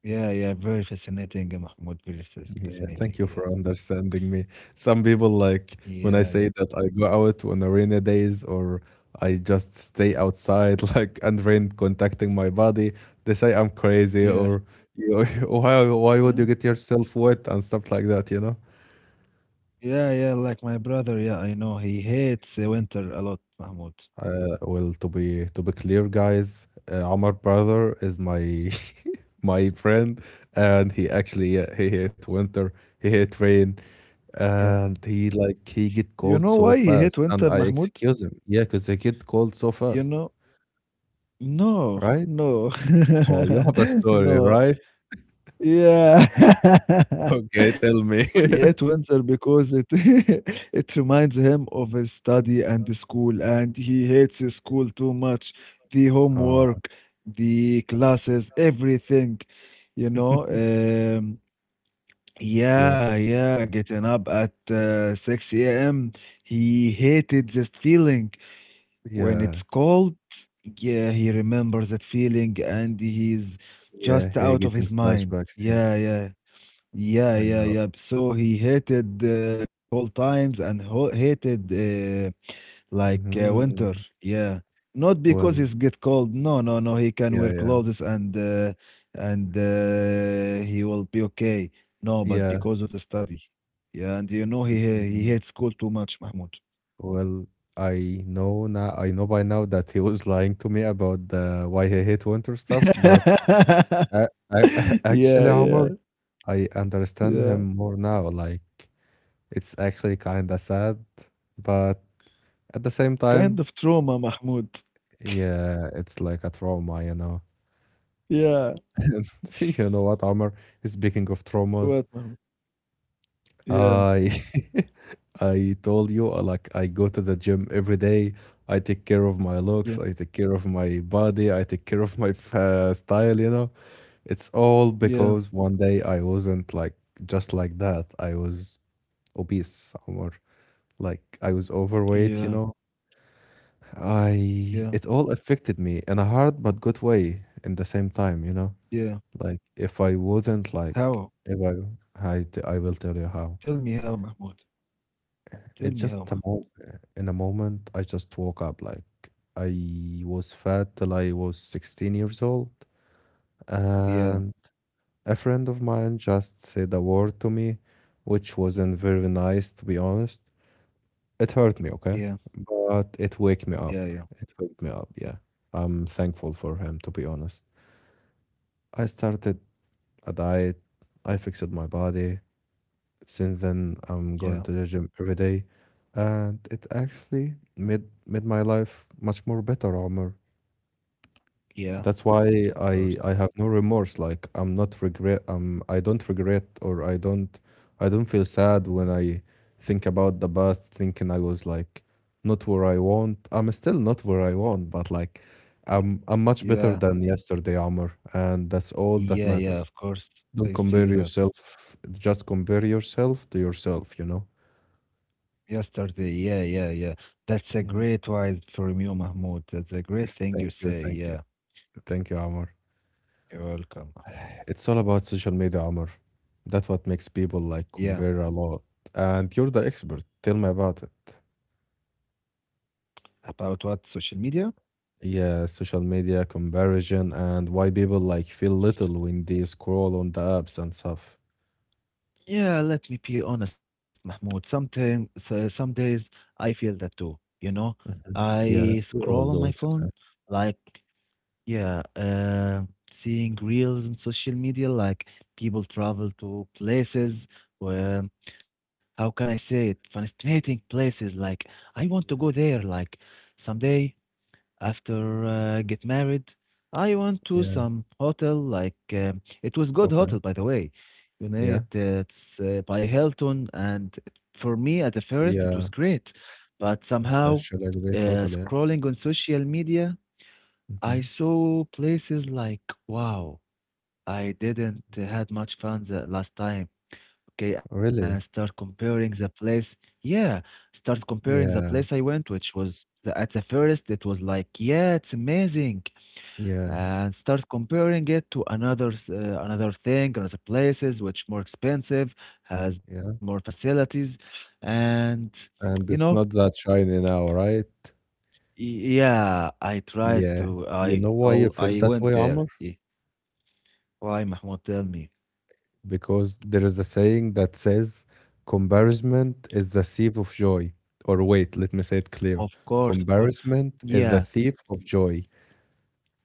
[SPEAKER 1] Yeah, yeah, very fascinating, Mahmoud. Very
[SPEAKER 2] Yeah,
[SPEAKER 1] fascinating.
[SPEAKER 2] thank you
[SPEAKER 1] Yeah,
[SPEAKER 2] for understanding me. Some people, like,
[SPEAKER 1] yeah,
[SPEAKER 2] when
[SPEAKER 1] yeah,
[SPEAKER 2] I say that I go out on a rainy days or I just stay outside like and rain contacting my body, they say I'm crazy
[SPEAKER 1] yeah,
[SPEAKER 2] or you why would
[SPEAKER 1] yeah,
[SPEAKER 2] you get yourself wet and stuff like that, you know?
[SPEAKER 1] yeah, yeah. Like my brother, yeah, I know he hates winter a lot, Mahmoud.
[SPEAKER 2] Well, to be clear, guys, Amar brother is my my friend, and he actually, yeah, he hate winter, he hate rain,
[SPEAKER 1] Yeah.
[SPEAKER 2] and he
[SPEAKER 1] You
[SPEAKER 2] get
[SPEAKER 1] know
[SPEAKER 2] cold
[SPEAKER 1] why he
[SPEAKER 2] so
[SPEAKER 1] hate
[SPEAKER 2] fast.
[SPEAKER 1] winter,
[SPEAKER 2] And I
[SPEAKER 1] Mahmoud?
[SPEAKER 2] excuse him, yeah, because they get cold so
[SPEAKER 1] You
[SPEAKER 2] fast.
[SPEAKER 1] know? No,
[SPEAKER 2] Right.
[SPEAKER 1] no.
[SPEAKER 2] Oh, you have a story,
[SPEAKER 1] No.
[SPEAKER 2] right?
[SPEAKER 1] Yeah.
[SPEAKER 2] Okay, tell
[SPEAKER 1] He
[SPEAKER 2] me.
[SPEAKER 1] hate winter because it it reminds him of his study and the school, and he hates his school too much. The
[SPEAKER 2] Oh.
[SPEAKER 1] homework, the classes, everything, you know?
[SPEAKER 2] Yeah,
[SPEAKER 1] Yeah, yeah, getting up at 6 a.m. He hated this feeling. When it's
[SPEAKER 2] yeah,
[SPEAKER 1] cold, yeah, he remembers that feeling and he's
[SPEAKER 2] yeah.
[SPEAKER 1] just
[SPEAKER 2] Hey,
[SPEAKER 1] out of
[SPEAKER 2] getting
[SPEAKER 1] his mind.
[SPEAKER 2] flashbacks. Yeah,
[SPEAKER 1] Yeah, yeah, yeah,
[SPEAKER 2] I
[SPEAKER 1] yeah,
[SPEAKER 2] know.
[SPEAKER 1] yeah. So he hated cold times and ho hated winter.
[SPEAKER 2] Mhm.
[SPEAKER 1] Yeah, not because
[SPEAKER 2] Well,
[SPEAKER 1] he's get cold. No, no, no. He can
[SPEAKER 2] yeah,
[SPEAKER 1] wear
[SPEAKER 2] yeah,
[SPEAKER 1] clothes and he will be okay. No, but
[SPEAKER 2] yeah.
[SPEAKER 1] because of the study. Yeah, and you know he hates
[SPEAKER 2] Mm-hmm.
[SPEAKER 1] school too much, Mahmoud.
[SPEAKER 2] Well, I know now, I know by now that he was lying to me about the why he hate winter stuff, but I,
[SPEAKER 1] Yeah,
[SPEAKER 2] actually,
[SPEAKER 1] yeah,
[SPEAKER 2] Omar, I understand
[SPEAKER 1] yeah.
[SPEAKER 2] him more now. Like, it's actually kind of sad, but at the same
[SPEAKER 1] Kind
[SPEAKER 2] time,
[SPEAKER 1] of trauma, Mahmoud.
[SPEAKER 2] yeah, it's like a trauma.
[SPEAKER 1] Yeah.
[SPEAKER 2] And you know what, Omar? Speaking of traumas,
[SPEAKER 1] What, Mahmoud? Yeah.
[SPEAKER 2] I I told you like I go to the gym every day. I take care of my looks.
[SPEAKER 1] Yeah.
[SPEAKER 2] I take care of my body. I take care of my style. You know, it's all
[SPEAKER 1] Yeah.
[SPEAKER 2] because one day I wasn't like just like that. I was obese or like I was
[SPEAKER 1] Yeah.
[SPEAKER 2] overweight. You know, I
[SPEAKER 1] Yeah.
[SPEAKER 2] it all affected me in a hard but good way in the same time. You know,
[SPEAKER 1] Yeah.
[SPEAKER 2] like if I wouldn't, like
[SPEAKER 1] How?
[SPEAKER 2] if I, I will tell you
[SPEAKER 1] Tell
[SPEAKER 2] how.
[SPEAKER 1] me how, Mahmoud. Tell me
[SPEAKER 2] It's
[SPEAKER 1] how, Mahmoud.
[SPEAKER 2] just a mo in a moment I just woke up like I was fat till I was 16 years old,
[SPEAKER 1] Yeah.
[SPEAKER 2] and a friend of mine just said a word to me which wasn't very nice, to be honest. It hurt me,
[SPEAKER 1] Yeah.
[SPEAKER 2] okay? But it waked me
[SPEAKER 1] Yeah.
[SPEAKER 2] up.
[SPEAKER 1] Yeah.
[SPEAKER 2] It waked me up, yeah. I'm thankful for him, to be honest. I started a diet. I fixed my body. Since then,
[SPEAKER 1] Yeah.
[SPEAKER 2] I'm going to the gym every day, and it actually made my life much more better, Omar.
[SPEAKER 1] Yeah. Of
[SPEAKER 2] That's why I
[SPEAKER 1] course.
[SPEAKER 2] I have no remorse. Like I'm not regret. I don't regret, or I don't feel sad when I think about the past, thinking I was like not where I want. I'm still not where I want, but like I'm much better
[SPEAKER 1] Yeah.
[SPEAKER 2] than yesterday, Omar, and that's all that
[SPEAKER 1] Yeah. Yeah.
[SPEAKER 2] matters.
[SPEAKER 1] Of course. I
[SPEAKER 2] Don't compare
[SPEAKER 1] see that.
[SPEAKER 2] yourself. Just compare yourself to yourself. You know.
[SPEAKER 1] Yesterday. Yeah. Yeah. Yeah. That's a
[SPEAKER 2] Yeah.
[SPEAKER 1] great wise from you, Mahmoud. That's a great
[SPEAKER 2] Yes,
[SPEAKER 1] thing you
[SPEAKER 2] thank you.
[SPEAKER 1] say.
[SPEAKER 2] Thank you.
[SPEAKER 1] Yeah.
[SPEAKER 2] Thank you, Amr.
[SPEAKER 1] You're welcome.
[SPEAKER 2] It's all about social media, Amr. That's what makes people like
[SPEAKER 1] Yeah.
[SPEAKER 2] compare a lot. And you're the expert. Tell me about it.
[SPEAKER 1] About what? Social media?
[SPEAKER 2] Yeah, social media comparison and why people like feel little when they scroll on the apps and stuff.
[SPEAKER 1] Yeah, let me be honest, Mahmoud. Sometimes, so- some days I feel that too. You know,
[SPEAKER 2] Mhm.
[SPEAKER 1] I
[SPEAKER 2] Yeah, we
[SPEAKER 1] scroll on
[SPEAKER 2] all
[SPEAKER 1] my
[SPEAKER 2] do. It's
[SPEAKER 1] phone,
[SPEAKER 2] okay.
[SPEAKER 1] like, yeah, seeing reels on social media, like people travel to places where, how can I say it? Fascinating places. Like, I want to go
[SPEAKER 2] Yeah.
[SPEAKER 1] there, like, someday. After get married, I went to
[SPEAKER 2] Yeah.
[SPEAKER 1] some hotel. Like it was good
[SPEAKER 2] Okay.
[SPEAKER 1] hotel, by the way. You know,
[SPEAKER 2] Yeah.
[SPEAKER 1] it's by Hilton, and for me at the first it
[SPEAKER 2] Yeah.
[SPEAKER 1] was great, but
[SPEAKER 2] It's
[SPEAKER 1] somehow
[SPEAKER 2] actually a great total. Yeah.
[SPEAKER 1] scrolling on social media, I
[SPEAKER 2] Hmm.
[SPEAKER 1] saw places like wow. I didn't had much fun the last time okay, and
[SPEAKER 2] Really?
[SPEAKER 1] start comparing the place. Yeah, start comparing the
[SPEAKER 2] Yeah.
[SPEAKER 1] place I went, which was the, at the first, it was like, yeah, it's amazing,
[SPEAKER 2] Yeah.
[SPEAKER 1] and start comparing it to another another thing, another places which more expensive, has more
[SPEAKER 2] Yeah.
[SPEAKER 1] facilities, and you
[SPEAKER 2] And
[SPEAKER 1] know,
[SPEAKER 2] it's not that shiny now, right?
[SPEAKER 1] y- yeah, I tried
[SPEAKER 2] Yeah,
[SPEAKER 1] to,
[SPEAKER 2] you know why you feel
[SPEAKER 1] I
[SPEAKER 2] that
[SPEAKER 1] went
[SPEAKER 2] way,
[SPEAKER 1] there.
[SPEAKER 2] Amr?
[SPEAKER 1] Y- Why, Mahmoud, tell me?
[SPEAKER 2] Because there is a saying that says comparison is the thief of joy. Or wait, let me say it
[SPEAKER 1] Of
[SPEAKER 2] clear.
[SPEAKER 1] course, of course.
[SPEAKER 2] Comparison is the
[SPEAKER 1] Yeah,
[SPEAKER 2] thief of joy,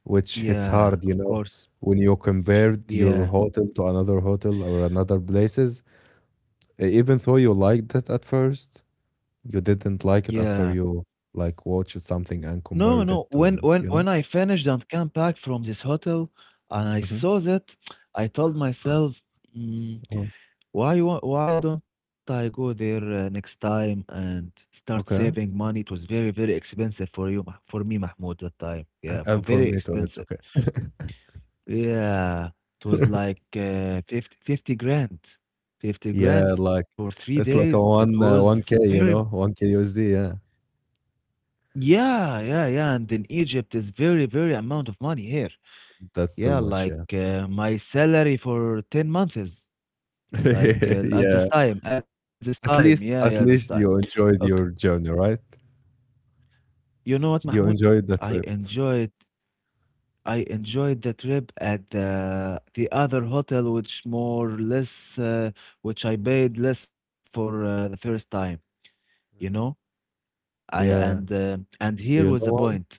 [SPEAKER 2] which hits
[SPEAKER 1] yeah,
[SPEAKER 2] hard,
[SPEAKER 1] of course.
[SPEAKER 2] when you compared your
[SPEAKER 1] Yeah,
[SPEAKER 2] hotel to another hotel or another places. Even though you liked it at first, you didn't like it
[SPEAKER 1] yeah.
[SPEAKER 2] after you like watched something and
[SPEAKER 1] No,
[SPEAKER 2] compared it
[SPEAKER 1] no.
[SPEAKER 2] to,
[SPEAKER 1] When
[SPEAKER 2] it,
[SPEAKER 1] when
[SPEAKER 2] you know?
[SPEAKER 1] when I finished and came back from this hotel and I
[SPEAKER 2] Mm-hmm.
[SPEAKER 1] saw that, I told myself, "Mm, why don't I go there next time and start saving
[SPEAKER 2] Okay.
[SPEAKER 1] money? It was very, very expensive for you, Mah- for me, Mahmoud, that time. Yeah, p-
[SPEAKER 2] And for
[SPEAKER 1] very
[SPEAKER 2] me too, it's
[SPEAKER 1] expensive.
[SPEAKER 2] okay.
[SPEAKER 1] Yeah, it was like 50, fifty grand. 50 grand
[SPEAKER 2] Yeah,
[SPEAKER 1] for
[SPEAKER 2] like
[SPEAKER 1] three days.
[SPEAKER 2] it's like
[SPEAKER 1] It
[SPEAKER 2] a
[SPEAKER 1] was
[SPEAKER 2] one 1K,
[SPEAKER 1] very,
[SPEAKER 2] you know, 1K USD. Yeah,
[SPEAKER 1] yeah, yeah, yeah. And in Egypt, it's very, very amount of money here.
[SPEAKER 2] that's too
[SPEAKER 1] Yeah,
[SPEAKER 2] much.
[SPEAKER 1] like,
[SPEAKER 2] Yeah,
[SPEAKER 1] my salary for 10 months, like,
[SPEAKER 2] yeah.
[SPEAKER 1] at this time.
[SPEAKER 2] At
[SPEAKER 1] Yeah, yeah,
[SPEAKER 2] least,
[SPEAKER 1] this
[SPEAKER 2] at
[SPEAKER 1] time.
[SPEAKER 2] least you
[SPEAKER 1] Okay.
[SPEAKER 2] enjoyed your journey, right?
[SPEAKER 1] You know what,
[SPEAKER 2] You
[SPEAKER 1] Mahmoud?
[SPEAKER 2] enjoyed the
[SPEAKER 1] I
[SPEAKER 2] trip.
[SPEAKER 1] enjoyed I enjoyed the trip at the other hotel, which more or less, which I paid less for, the first time, you know?
[SPEAKER 2] Really?
[SPEAKER 1] I
[SPEAKER 2] Yeah.
[SPEAKER 1] and here
[SPEAKER 2] Do you know
[SPEAKER 1] was the
[SPEAKER 2] why?
[SPEAKER 1] point.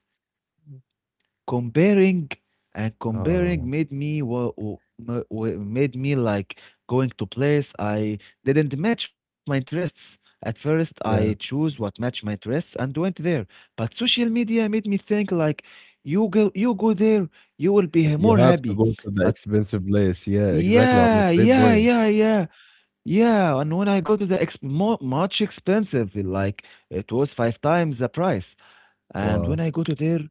[SPEAKER 1] Comparing and comparing
[SPEAKER 2] Oh,
[SPEAKER 1] made me made me like going to place I didn't match my interests. At first, I
[SPEAKER 2] yeah.
[SPEAKER 1] choose what matched my interests and went there. But social media made me think like, you go there, you will be
[SPEAKER 2] You
[SPEAKER 1] more
[SPEAKER 2] have to
[SPEAKER 1] happy.
[SPEAKER 2] go to the
[SPEAKER 1] But
[SPEAKER 2] expensive place. Yeah, exactly. I'm a
[SPEAKER 1] yeah,
[SPEAKER 2] great
[SPEAKER 1] yeah,
[SPEAKER 2] boy.
[SPEAKER 1] yeah, yeah, yeah. And when I go to the exp more, much expensive, like it was five times the price. And
[SPEAKER 2] Wow.
[SPEAKER 1] when I go to there,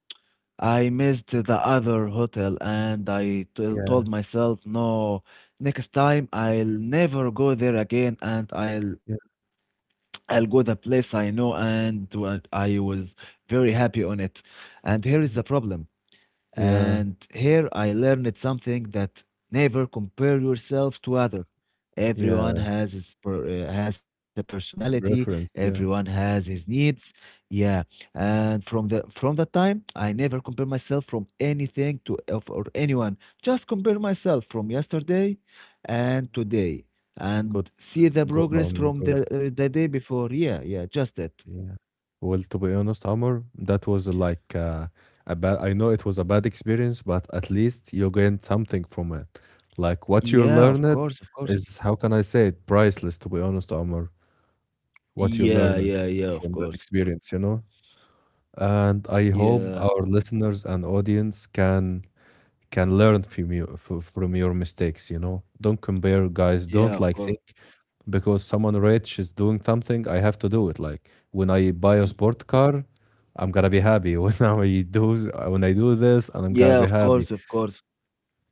[SPEAKER 1] I missed the other hotel and I t-
[SPEAKER 2] Yeah,
[SPEAKER 1] told myself, no, next time I'll never go there again and
[SPEAKER 2] yeah,
[SPEAKER 1] I'll go the place I know and what I was very happy on it. And here is
[SPEAKER 2] yeah,
[SPEAKER 1] the problem.
[SPEAKER 2] yeah.
[SPEAKER 1] And here I learned something that never compare yourself to other. Everyone
[SPEAKER 2] Yeah.
[SPEAKER 1] has his per, has a personality.
[SPEAKER 2] Reference.
[SPEAKER 1] Everyone
[SPEAKER 2] Yeah.
[SPEAKER 1] has his needs. Yeah, and from the time I never compare myself from anything to of, or anyone. Just compare myself from yesterday and
[SPEAKER 2] Mhm.
[SPEAKER 1] today,
[SPEAKER 2] Good,
[SPEAKER 1] and see the
[SPEAKER 2] good. Oh
[SPEAKER 1] progress
[SPEAKER 2] my
[SPEAKER 1] from
[SPEAKER 2] God.
[SPEAKER 1] the day before. Yeah, yeah, just that.
[SPEAKER 2] Yeah. Well, to be honest, Amr, that was like a bad. I know it was a bad experience, but at least you gained something from it. Like what you
[SPEAKER 1] Yeah, of
[SPEAKER 2] learned
[SPEAKER 1] course, of course.
[SPEAKER 2] is, how can I say it, priceless. To be honest, Amr,
[SPEAKER 1] Yeah,
[SPEAKER 2] what you
[SPEAKER 1] yeah, yeah,
[SPEAKER 2] learned
[SPEAKER 1] of course. Of
[SPEAKER 2] from
[SPEAKER 1] course.
[SPEAKER 2] that experience. And I hope
[SPEAKER 1] Yeah.
[SPEAKER 2] our listeners and audience can learn from from your mistakes. Don't compare, guys.
[SPEAKER 1] Yeah,
[SPEAKER 2] Don't
[SPEAKER 1] of
[SPEAKER 2] like
[SPEAKER 1] course.
[SPEAKER 2] think because someone rich is doing something I have to do it. Like when I
[SPEAKER 1] Mm.
[SPEAKER 2] buy a sport car, I'm gonna be happy, i do when I do this, and I'm gonna
[SPEAKER 1] Yeah,
[SPEAKER 2] be
[SPEAKER 1] of
[SPEAKER 2] happy,
[SPEAKER 1] course, of course.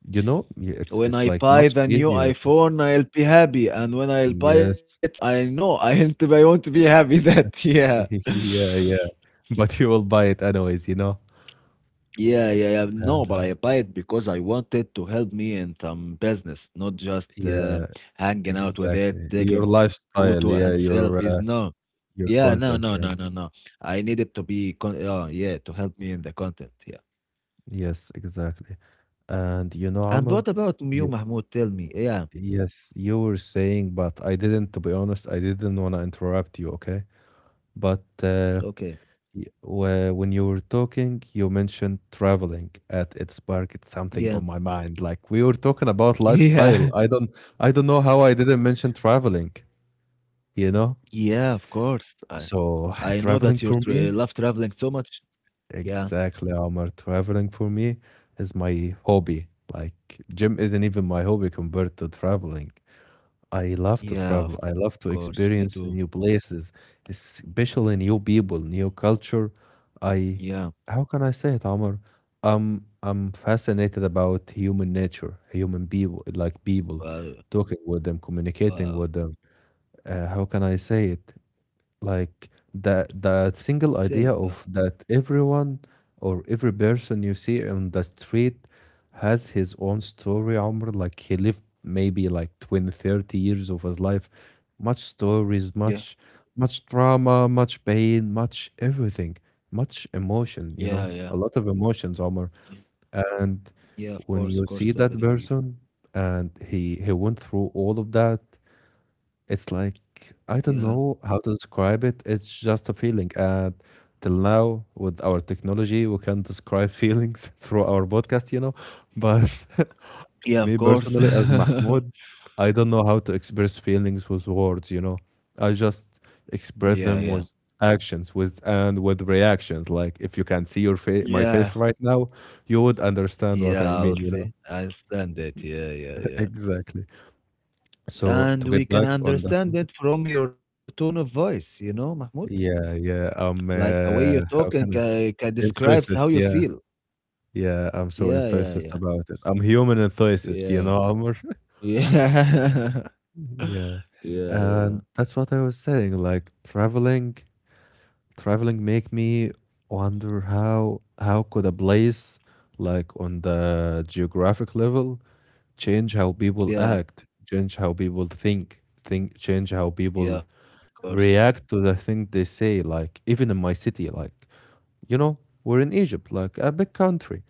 [SPEAKER 2] you know? It's
[SPEAKER 1] When
[SPEAKER 2] it's
[SPEAKER 1] I
[SPEAKER 2] like
[SPEAKER 1] buy
[SPEAKER 2] much
[SPEAKER 1] the new
[SPEAKER 2] easier.
[SPEAKER 1] iPhone, I'll be happy, and when I'll buy it,
[SPEAKER 2] Yes.
[SPEAKER 1] I know I won't be happy that yeah.
[SPEAKER 2] Yeah, yeah, but you will buy it anyways.
[SPEAKER 1] Yeah, yeah, yeah.
[SPEAKER 2] Uh,
[SPEAKER 1] No, but I buy it because I want it to help me in some business, not just
[SPEAKER 2] yeah,
[SPEAKER 1] hanging out with it,
[SPEAKER 2] exactly,
[SPEAKER 1] taking
[SPEAKER 2] your
[SPEAKER 1] photo and
[SPEAKER 2] lifestyle. Yeah,
[SPEAKER 1] selfies. No. Yeah,
[SPEAKER 2] your
[SPEAKER 1] no, no, no,
[SPEAKER 2] content.
[SPEAKER 1] no,
[SPEAKER 2] Yeah.
[SPEAKER 1] no. I need it to be con yeah, to help me in the content. Yeah.
[SPEAKER 2] Yes, exactly. And you know,
[SPEAKER 1] And
[SPEAKER 2] Amr,
[SPEAKER 1] what about you,
[SPEAKER 2] you
[SPEAKER 1] Mahmoud? Tell me. Yeah.
[SPEAKER 2] yes, you were saying, but I didn't, to be honest, I didn't want to interrupt you, okay? But
[SPEAKER 1] Okay.
[SPEAKER 2] when you were talking, you mentioned traveling at it sparked something
[SPEAKER 1] Yeah.
[SPEAKER 2] on my mind. Like we were talking about lifestyle.
[SPEAKER 1] Yeah.
[SPEAKER 2] I don't know how I didn't mention traveling, you know?
[SPEAKER 1] Yeah, of course.
[SPEAKER 2] So
[SPEAKER 1] I know that you
[SPEAKER 2] traveling
[SPEAKER 1] tra
[SPEAKER 2] for me.
[SPEAKER 1] love traveling so much. Yeah.
[SPEAKER 2] Exactly, Omar. Traveling for me is my hobby. Like, gym isn't even my hobby compared to traveling. I love to
[SPEAKER 1] Yeah,
[SPEAKER 2] travel.
[SPEAKER 1] of
[SPEAKER 2] I love
[SPEAKER 1] course.
[SPEAKER 2] to
[SPEAKER 1] Me too.
[SPEAKER 2] experience new places, especially new people, new culture. I,
[SPEAKER 1] Yeah.
[SPEAKER 2] how can I say it, Omar? I'm fascinated about human nature, human people, like people,
[SPEAKER 1] Well,
[SPEAKER 2] talking with them, communicating
[SPEAKER 1] wow.
[SPEAKER 2] with them. How can I say it? Like the
[SPEAKER 1] Say
[SPEAKER 2] single
[SPEAKER 1] it.
[SPEAKER 2] idea of that everyone or every person you see on the street has his own story, Omar. Like he lived maybe like 20, 30 years of his life. Much stories,
[SPEAKER 1] Yeah.
[SPEAKER 2] much drama, much pain, much everything, much emotion,
[SPEAKER 1] Yeah, yeah.
[SPEAKER 2] a lot of emotions, Omar.
[SPEAKER 1] Yeah.
[SPEAKER 2] And
[SPEAKER 1] Yeah, of
[SPEAKER 2] when
[SPEAKER 1] course. Of
[SPEAKER 2] you
[SPEAKER 1] course.
[SPEAKER 2] see that
[SPEAKER 1] Totally agree.
[SPEAKER 2] person and he went through all of that, it's like I
[SPEAKER 1] Yeah.
[SPEAKER 2] don't know how to describe it. It's just a feeling. And till now, with our technology, we can describe feelings through our podcast. But
[SPEAKER 1] Yeah, of
[SPEAKER 2] me
[SPEAKER 1] course.
[SPEAKER 2] personally, as Mahmoud, I don't know how to express feelings with words. I just
[SPEAKER 1] Yeah,
[SPEAKER 2] express
[SPEAKER 1] yeah.
[SPEAKER 2] them with actions, with and with reactions, like if you can see your face, my
[SPEAKER 1] Yeah.
[SPEAKER 2] face, right now, you would understand what
[SPEAKER 1] Yeah,
[SPEAKER 2] I
[SPEAKER 1] I'll
[SPEAKER 2] mean you
[SPEAKER 1] see.
[SPEAKER 2] know
[SPEAKER 1] I understand it. Yeah, yeah, yeah.
[SPEAKER 2] Exactly. So to
[SPEAKER 1] And we
[SPEAKER 2] get
[SPEAKER 1] can
[SPEAKER 2] back on that.
[SPEAKER 1] understand it from your tone of voice, you know, Mahmoud?
[SPEAKER 2] Yeah, yeah, I'm,
[SPEAKER 1] Like the way you're talking
[SPEAKER 2] how can I s
[SPEAKER 1] ca ca describes how you
[SPEAKER 2] enthusiast, yeah,
[SPEAKER 1] feel.
[SPEAKER 2] yeah, I'm so
[SPEAKER 1] Yeah, yeah,
[SPEAKER 2] enthusiast
[SPEAKER 1] yeah.
[SPEAKER 2] about it. I'm human enthusiast, you
[SPEAKER 1] Yeah.
[SPEAKER 2] know, Amr?
[SPEAKER 1] Yeah.
[SPEAKER 2] Yeah,
[SPEAKER 1] Yeah, yeah.
[SPEAKER 2] and that's what I was saying, like, traveling make me wonder how could a place, like, on the geographic level, change how people
[SPEAKER 1] Yeah,
[SPEAKER 2] act, change how people think, change how
[SPEAKER 1] yeah,
[SPEAKER 2] people
[SPEAKER 1] of course.
[SPEAKER 2] react to the thing they say, like, even in my city, like, you know, we're in Egypt, like a big country,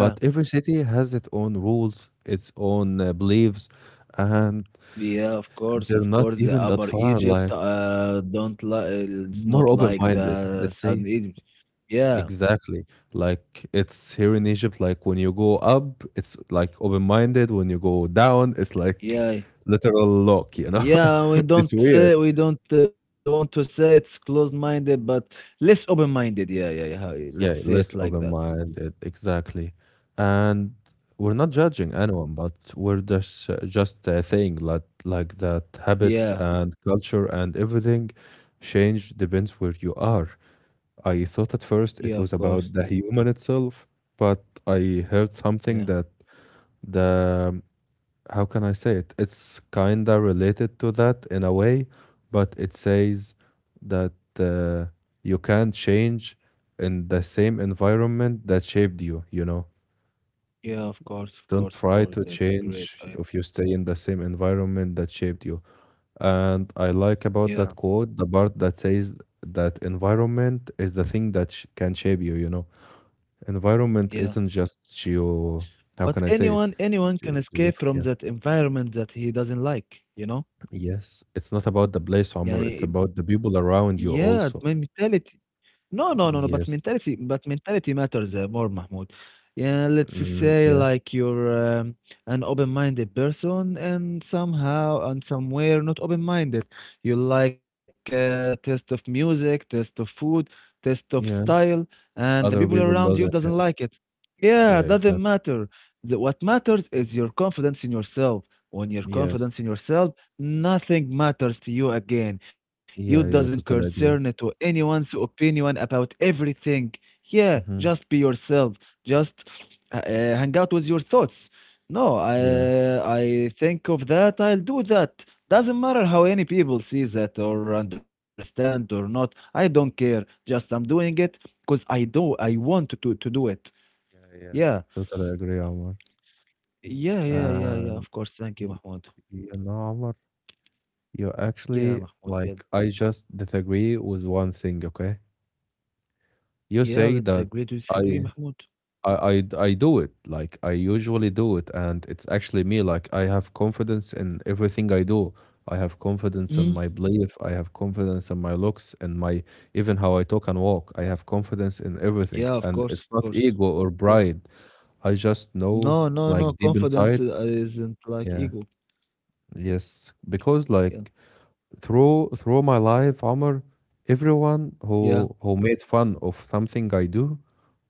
[SPEAKER 2] but every city has its own rules, its own beliefs, and
[SPEAKER 1] Yeah, of course,
[SPEAKER 2] they're
[SPEAKER 1] of
[SPEAKER 2] not
[SPEAKER 1] course. The
[SPEAKER 2] even that
[SPEAKER 1] Upper
[SPEAKER 2] far,
[SPEAKER 1] Egypt,
[SPEAKER 2] like
[SPEAKER 1] don't like it's
[SPEAKER 2] more
[SPEAKER 1] not like
[SPEAKER 2] open-minded,
[SPEAKER 1] the
[SPEAKER 2] let's say.
[SPEAKER 1] Southern Egypt. Yeah,
[SPEAKER 2] Exactly. Like it's here in Egypt, like when you go up, it's like open-minded. When you go down, it's like
[SPEAKER 1] yeah,
[SPEAKER 2] literal lock, you know?
[SPEAKER 1] yeah. We don't
[SPEAKER 2] It's weird.
[SPEAKER 1] say we don't want to say it's closed-minded, but less open-minded. Yeah, yeah, yeah. How- Let's
[SPEAKER 2] Yeah,
[SPEAKER 1] say it
[SPEAKER 2] less
[SPEAKER 1] like that.
[SPEAKER 2] open-minded, exactly. And we're not
[SPEAKER 1] Uh,
[SPEAKER 2] judging anyone, but we're just saying like that habits
[SPEAKER 1] Yeah,
[SPEAKER 2] and culture and everything change depends where you
[SPEAKER 1] mm,
[SPEAKER 2] are. I thought at first
[SPEAKER 1] yeah,
[SPEAKER 2] it
[SPEAKER 1] of
[SPEAKER 2] was
[SPEAKER 1] course.
[SPEAKER 2] about the human itself, but I heard something
[SPEAKER 1] Yeah,
[SPEAKER 2] that the how can I say it? It's kinda related to that in a way, but it says that uh, you can't change in the same environment that shaped you, you know.
[SPEAKER 1] yeah, of course, of
[SPEAKER 2] Don't
[SPEAKER 1] course, of
[SPEAKER 2] try
[SPEAKER 1] course.
[SPEAKER 2] to
[SPEAKER 1] That's great.
[SPEAKER 2] change
[SPEAKER 1] I,
[SPEAKER 2] if you stay in the same environment that shaped you. And I like
[SPEAKER 1] yeah.
[SPEAKER 2] about that quote the part that says that environment is the thing that sh can shape you, you know. Environment
[SPEAKER 1] Yeah.
[SPEAKER 2] isn't just geo, how
[SPEAKER 1] But
[SPEAKER 2] can I say it?
[SPEAKER 1] anyone
[SPEAKER 2] Ge
[SPEAKER 1] can escape
[SPEAKER 2] Geographic,
[SPEAKER 1] from
[SPEAKER 2] yeah.
[SPEAKER 1] that environment that he doesn't like, you know?
[SPEAKER 2] Yes, it's not about the place, Omar. It's
[SPEAKER 1] يعني
[SPEAKER 2] about the people around you
[SPEAKER 1] yeah, my
[SPEAKER 2] also.
[SPEAKER 1] mentality. No, no, no, no.
[SPEAKER 2] Yes.
[SPEAKER 1] But mentality matters more, Mahmoud. Yeah, let's just
[SPEAKER 2] Mm,
[SPEAKER 1] say
[SPEAKER 2] yeah.
[SPEAKER 1] like you're um, an open-minded person, and somehow and somewhere not open-minded. You like taste of music, taste of food, taste of
[SPEAKER 2] Yeah.
[SPEAKER 1] style, and the people
[SPEAKER 2] Other people
[SPEAKER 1] around you
[SPEAKER 2] doesn't.
[SPEAKER 1] doesn't
[SPEAKER 2] Yeah.
[SPEAKER 1] like it. Yeah,
[SPEAKER 2] Yeah,
[SPEAKER 1] doesn't
[SPEAKER 2] exactly.
[SPEAKER 1] matter. The, what matters is your confidence in yourself. When your
[SPEAKER 2] Yes.
[SPEAKER 1] confidence in yourself, nothing matters to you again. You
[SPEAKER 2] Yeah,
[SPEAKER 1] doesn't
[SPEAKER 2] yeah, totally
[SPEAKER 1] concern
[SPEAKER 2] agree.
[SPEAKER 1] to anyone's opinion about everything. Yeah,
[SPEAKER 2] Hmm.
[SPEAKER 1] just be yourself. Just hang out with your thoughts. No, I
[SPEAKER 2] Yeah.
[SPEAKER 1] I think of that. I'll do that. Doesn't matter how any people see that or understand or not. I don't care. Just I'm doing it because I do. I want to do it.
[SPEAKER 2] Yeah, yeah.
[SPEAKER 1] Yeah,
[SPEAKER 2] Totally agree, Omar.
[SPEAKER 1] yeah, yeah, yeah, yeah.
[SPEAKER 2] And
[SPEAKER 1] Of course. Thank you,
[SPEAKER 2] y-
[SPEAKER 1] Mahmoud.
[SPEAKER 2] you know, Omar, you
[SPEAKER 1] Yeah,
[SPEAKER 2] actually
[SPEAKER 1] Mahmoud. Yeah,
[SPEAKER 2] like I just disagree with one thing, okay?
[SPEAKER 1] yeah.
[SPEAKER 2] You
[SPEAKER 1] Let's
[SPEAKER 2] say that
[SPEAKER 1] agree to disagree,
[SPEAKER 2] I
[SPEAKER 1] Mahmoud.
[SPEAKER 2] I do it like I usually do it and it's actually me like I have confidence in everything I do. I have confidence in
[SPEAKER 1] Hmm?
[SPEAKER 2] my belief, I have confidence in my looks and my even how I talk and walk. I have confidence in everything
[SPEAKER 1] Yeah, of
[SPEAKER 2] and
[SPEAKER 1] course, of
[SPEAKER 2] it's not
[SPEAKER 1] course.
[SPEAKER 2] ego or
[SPEAKER 1] Of course.
[SPEAKER 2] pride. I just know
[SPEAKER 1] No, no, no.
[SPEAKER 2] like deep
[SPEAKER 1] Confidence
[SPEAKER 2] inside,
[SPEAKER 1] isn't like
[SPEAKER 2] yeah,
[SPEAKER 1] ego.
[SPEAKER 2] yes, because
[SPEAKER 1] Yeah,
[SPEAKER 2] like through my life, Omar, everyone
[SPEAKER 1] yeah,
[SPEAKER 2] who made fun of something I do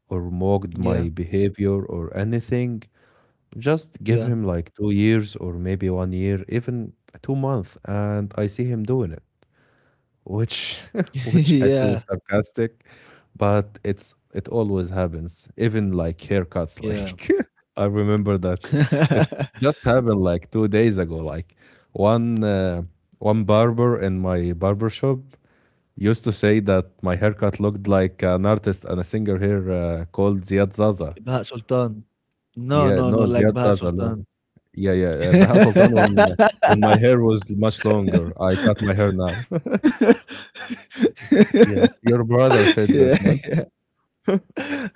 [SPEAKER 2] or mocked my
[SPEAKER 1] yeah,
[SPEAKER 2] behavior or anything just give him
[SPEAKER 1] yeah,
[SPEAKER 2] like 2 years or maybe 1 year, even 2 months, and I see him doing it, which which actually is
[SPEAKER 1] yeah,
[SPEAKER 2] sarcastic, but it always happens. Even like haircuts, like
[SPEAKER 1] yeah.
[SPEAKER 2] I remember that it just happened like 2 days ago. Like one uh, one barber in my barber shop used to say that my haircut looked like an artist and a singer here called Ziad Zaza.
[SPEAKER 1] Baha Sultan. No,
[SPEAKER 2] Yeah,
[SPEAKER 1] no,
[SPEAKER 2] no,
[SPEAKER 1] no. Like
[SPEAKER 2] Ziad
[SPEAKER 1] Baha
[SPEAKER 2] Zaza. No.
[SPEAKER 1] Sultan.
[SPEAKER 2] Yeah, yeah, Baha Sultan when my hair was much longer, I cut my hair now. Yeah, your brother said that,
[SPEAKER 1] Yeah,
[SPEAKER 2] man.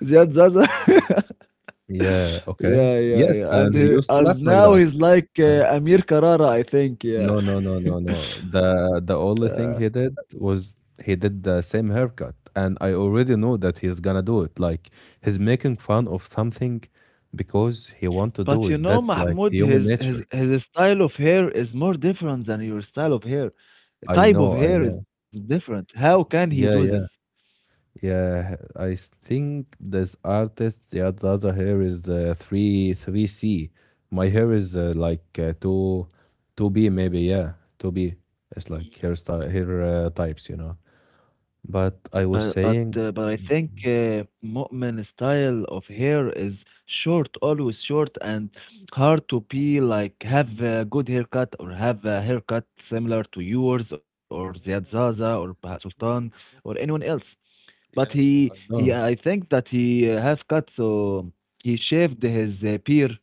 [SPEAKER 1] Ziad Zaza.
[SPEAKER 2] Yeah, okay.
[SPEAKER 1] Yeah, yeah,
[SPEAKER 2] Yes,
[SPEAKER 1] yeah.
[SPEAKER 2] and
[SPEAKER 1] And
[SPEAKER 2] he
[SPEAKER 1] he,
[SPEAKER 2] used to laugh
[SPEAKER 1] as
[SPEAKER 2] like
[SPEAKER 1] now
[SPEAKER 2] that.
[SPEAKER 1] he's like
[SPEAKER 2] And
[SPEAKER 1] Amir Karara, I think. Yeah.
[SPEAKER 2] no, no, no, no, no. The only thing he did was he did the same haircut, and I already know that he's gonna do it. Like he's making fun of something because he want to
[SPEAKER 1] But
[SPEAKER 2] do
[SPEAKER 1] you
[SPEAKER 2] it.
[SPEAKER 1] know,
[SPEAKER 2] That's like
[SPEAKER 1] Mahmoud,
[SPEAKER 2] human nature.
[SPEAKER 1] his style of hair is more different than your style of hair. The
[SPEAKER 2] I
[SPEAKER 1] type of
[SPEAKER 2] know, I
[SPEAKER 1] hair is
[SPEAKER 2] know.
[SPEAKER 1] different. How can he do
[SPEAKER 2] Yeah,
[SPEAKER 1] this?
[SPEAKER 2] yeah. Yeah, I think this artist, yeah, the other hair is three three C. My hair is like two B maybe. Yeah, two B. It's like hair types, you know. But I was saying.
[SPEAKER 1] But I think Mu'min style of hair is short, always short, and hard to be like have a good haircut or have a haircut similar to yours or Ziad
[SPEAKER 2] Yeah, yeah.
[SPEAKER 1] Zaza or
[SPEAKER 2] It's not
[SPEAKER 1] Baha
[SPEAKER 2] him. It's
[SPEAKER 1] Sultan
[SPEAKER 2] not him.
[SPEAKER 1] or
[SPEAKER 2] It's not
[SPEAKER 1] anyone
[SPEAKER 2] him.
[SPEAKER 1] else. But
[SPEAKER 2] Yeah,
[SPEAKER 1] he
[SPEAKER 2] yeah. I
[SPEAKER 1] he
[SPEAKER 2] know.
[SPEAKER 1] I think that he have cut so he shaved his beard